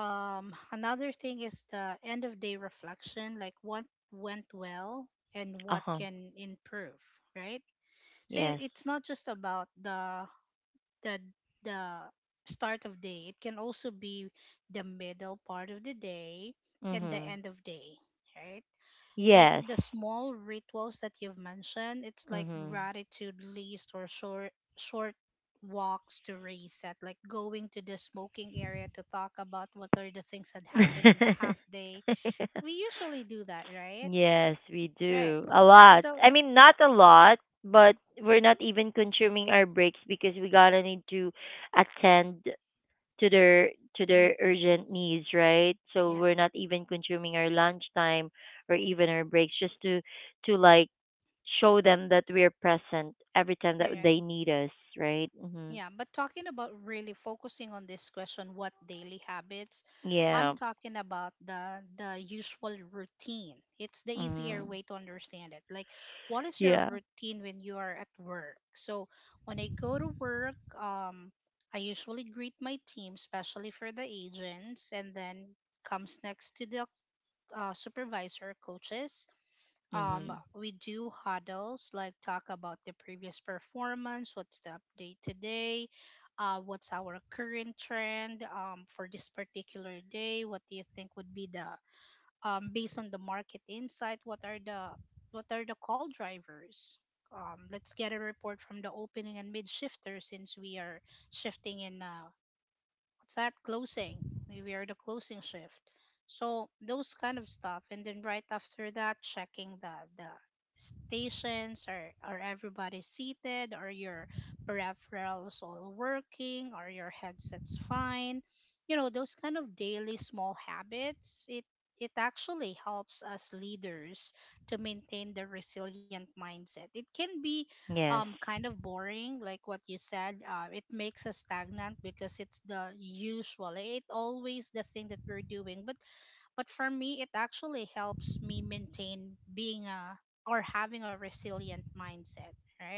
Speaker 2: um Another thing is the end of day reflection, like what went well and
Speaker 1: Uh
Speaker 2: what
Speaker 1: huh.
Speaker 2: can improve, right? So it-
Speaker 1: Yes.
Speaker 2: it's not just about the the the start of day, it can also be the middle part of the day and the
Speaker 1: Mhm.
Speaker 2: end of day, right? Like
Speaker 1: Yes.
Speaker 2: the small rituals that you've mentioned, it's like
Speaker 1: Mhm.
Speaker 2: gratitude list or short short walks to reset, like going to the smoking area to talk about what are the things that happened in the half day. We usually do that, right?
Speaker 1: Yes, we
Speaker 2: Right.
Speaker 1: do. A lot.
Speaker 2: So
Speaker 1: I mean, not a lot, but we're not even consuming our breaks because we gotta need to attend to their to their urgent
Speaker 2: meetings,
Speaker 1: needs, right? So
Speaker 2: yeah,
Speaker 1: we're not even consuming our lunchtime or even our breaks just to to like show them that we're present every time
Speaker 2: all
Speaker 1: that
Speaker 2: right.
Speaker 1: they need us, right? Mhm.
Speaker 2: Yeah, but talking about really focusing on this question, what daily habits, I'm
Speaker 1: Yeah.
Speaker 2: talking about the the usual routine. It's the easier
Speaker 1: Mhm.
Speaker 2: way to understand it. Like, what is your
Speaker 1: Yeah.
Speaker 2: routine when you are at work? So when I go to work, um, I usually greet my team, especially for the agents, and then comes next to the uh, supervisor coaches. Um,
Speaker 1: Mhm.
Speaker 2: we do huddles, like talk about the previous performance, what's the update today, uh, what's our current trend, um, for this particular day, what do you think would be the, um, based on the market insight, what are the what are the call drivers. Um, let's get a report from the opening and mid shifter, since we are shifting in, uh, what's that closing, we were the closing shift. So those kind of stuff. And then right after that, checking the the stations, or are everybody seated, are your peripherals all working, are your headsets fine. You know, those kind of daily small habits, it it actually helps us leaders to maintain the resilient mindset. It can be um
Speaker 1: Yes.
Speaker 2: kind of boring, like what you said. Uh, it makes us stagnant because it's the usual, eh, it always the thing that we're doing. But but for me, it actually helps me maintain being a, or having a resilient mindset, right?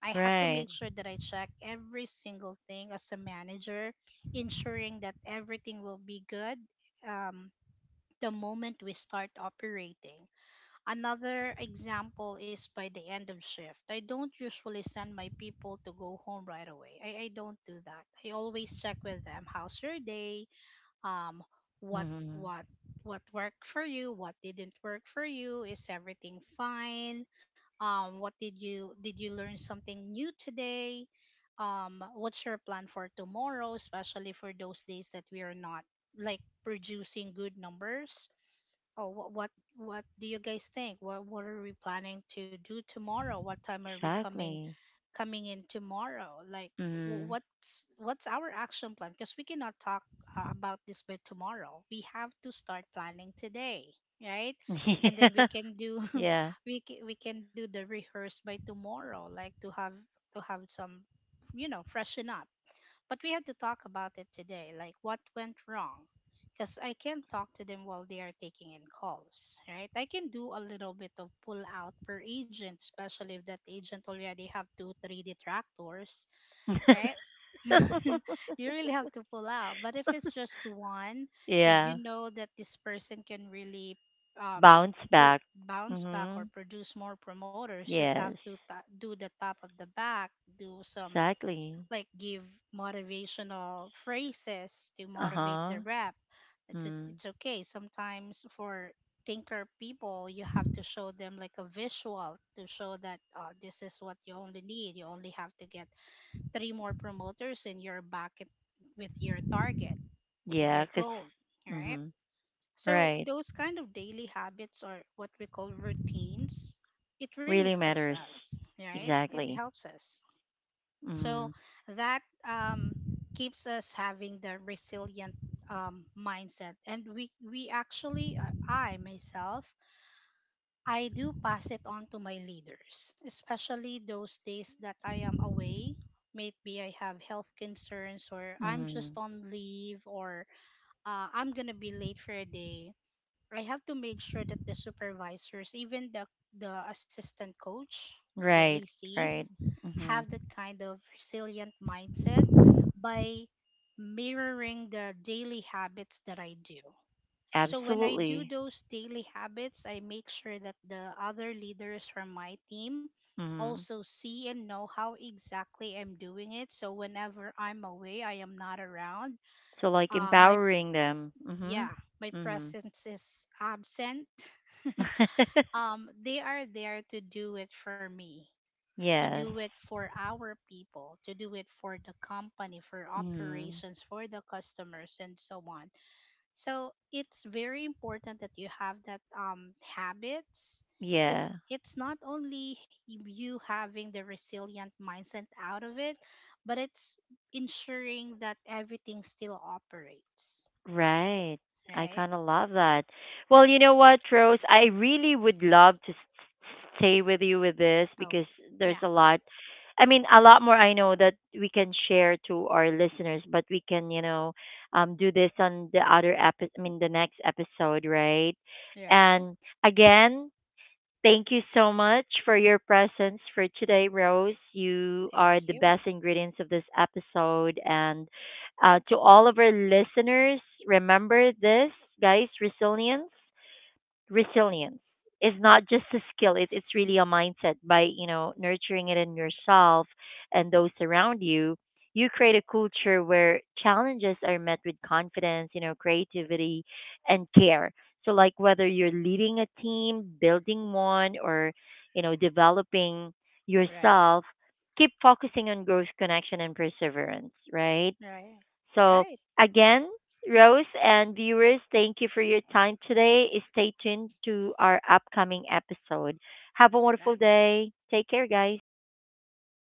Speaker 2: I have to
Speaker 1: Right.
Speaker 2: make sure that I check every single thing as a manager, ensuring that everything will be good, um, the moment we start operating. Another example is by the end of shift. I don't usually send my people to go home right away. I, I don't do that. I always check with them, how's your day, um, what
Speaker 1: Mm-hmm.
Speaker 2: what what worked for you, what didn't work for you, is everything fine? Um, what did you did you learn something new today? Um, what's your plan for tomorrow, especially for those days that we are not like producing good numbers? Oh, what what what do you guys think? What what are we planning to do tomorrow? What time are we coming
Speaker 1: Exactly.
Speaker 2: coming in tomorrow? Like wh-
Speaker 1: Mm-hmm.
Speaker 2: what's what's our action plan? Because we cannot talk uh, about this by tomorrow. We have to start planning today, right? And then we can do
Speaker 1: Yeah.
Speaker 2: we can, we can do the rehearse by tomorrow, like to have to have some, you know, freshen up. But we have to talk about it today, like what went wrong. Because I can't talk to them while they are taking in calls, right? I can do a little bit of pull out per agent, especially if that agent already have two, three detractors,
Speaker 1: Yeah.
Speaker 2: right? You really have to pull out. But if it's just one, and
Speaker 1: Yeah.
Speaker 2: you know that this person can really, um,
Speaker 1: Bounce
Speaker 2: pr-
Speaker 1: back.
Speaker 2: bounce back or
Speaker 1: Mm-hmm.
Speaker 2: produce more promoters, just have
Speaker 1: Yes.
Speaker 2: to ta do the top of the back, do some,
Speaker 1: Exactly.
Speaker 2: like give motivational phrases to motivate the
Speaker 1: Uh-huh.
Speaker 2: rep. It's, o-
Speaker 1: Mm.
Speaker 2: it's okay. Sometimes for thinker people, you have to show them like a visual to show that, uh, this is what you only need. You only have to get three more promoters and you're back at, with your target, with
Speaker 1: Yeah,
Speaker 2: your
Speaker 1: 'cause
Speaker 2: goal, all right?
Speaker 1: mm-hmm.
Speaker 2: So
Speaker 1: Right.
Speaker 2: those kind of daily habits, or what we call routines, it really
Speaker 1: Really
Speaker 2: helps
Speaker 1: matters.
Speaker 2: us, right? It
Speaker 1: Exactly.
Speaker 2: helps us. So
Speaker 1: Mm-hmm.
Speaker 2: that, um, keeps us having the resilient um, mindset. And we, we actually, uh, I myself, I do pass it on to my leaders, especially those days that I am away. Maybe I have health concerns, or I'm
Speaker 1: Mm-hmm.
Speaker 2: just on leave, or uh, I'm going to be late for a day. I have to make sure that the supervisors, even the the assistant coach, the
Speaker 1: Right.
Speaker 2: A Cs,
Speaker 1: Right. Mm-hmm.
Speaker 2: have that kind of resilient mindset by mirroring the daily habits that I do. So when I do
Speaker 1: Absolutely.
Speaker 2: those daily habits, I make sure that the other leaders from my team
Speaker 1: Mm-hmm.
Speaker 2: also see and know how exactly I'm doing it. So whenever I'm away, I am not around.
Speaker 1: So like
Speaker 2: Um, my
Speaker 1: empowering them. Mm-hmm.
Speaker 2: yeah, my
Speaker 1: Mm-hmm.
Speaker 2: presence is absent, um, they are there to do it for me, to
Speaker 1: Yes.
Speaker 2: do it for our people, to do it for the company, for
Speaker 1: Hmm.
Speaker 2: operations, for the customers, and so on. So it's very important that you have that um, habits, because
Speaker 1: Yeah,
Speaker 2: it's not only y- you having the resilient mindset out of it, but it's ensuring that everything still operates,
Speaker 1: right. I
Speaker 2: right?
Speaker 1: kind of love that. Well,
Speaker 2: Right.
Speaker 1: you know what, Rose? I really would love to s- s- stay with you with this
Speaker 2: Oh,
Speaker 1: because there's
Speaker 2: yeah,
Speaker 1: a lot. I mean, a lot more I know that we can share to our listeners, but we can, you know, um, do this on the other episode. I mean, the next episode, right?
Speaker 2: right.
Speaker 1: And again, thank you so much for your presence for today, Rose. You are
Speaker 2: Thank
Speaker 1: the
Speaker 2: you.
Speaker 1: best ingredients of this episode. And uh, to all of our listeners, remember this, guys, resilience resilience is not just a skill, it, it's really
Speaker 2: Mhm.
Speaker 1: a mindset. By, you know, nurturing it in yourself and those around you, you create a culture where challenges are met with confidence, you know, creativity and care. So like whether you're leading a team, building one, or you know, developing
Speaker 2: Right.
Speaker 1: yourself, keep focusing on growth, connection and perseverance, right?
Speaker 2: Right.
Speaker 1: So,
Speaker 2: Right.
Speaker 1: again, Rose and viewers, thank you for your time today. Stay tuned to our upcoming episode. Have a wonderful
Speaker 2: Right.
Speaker 1: day. Take care, guys.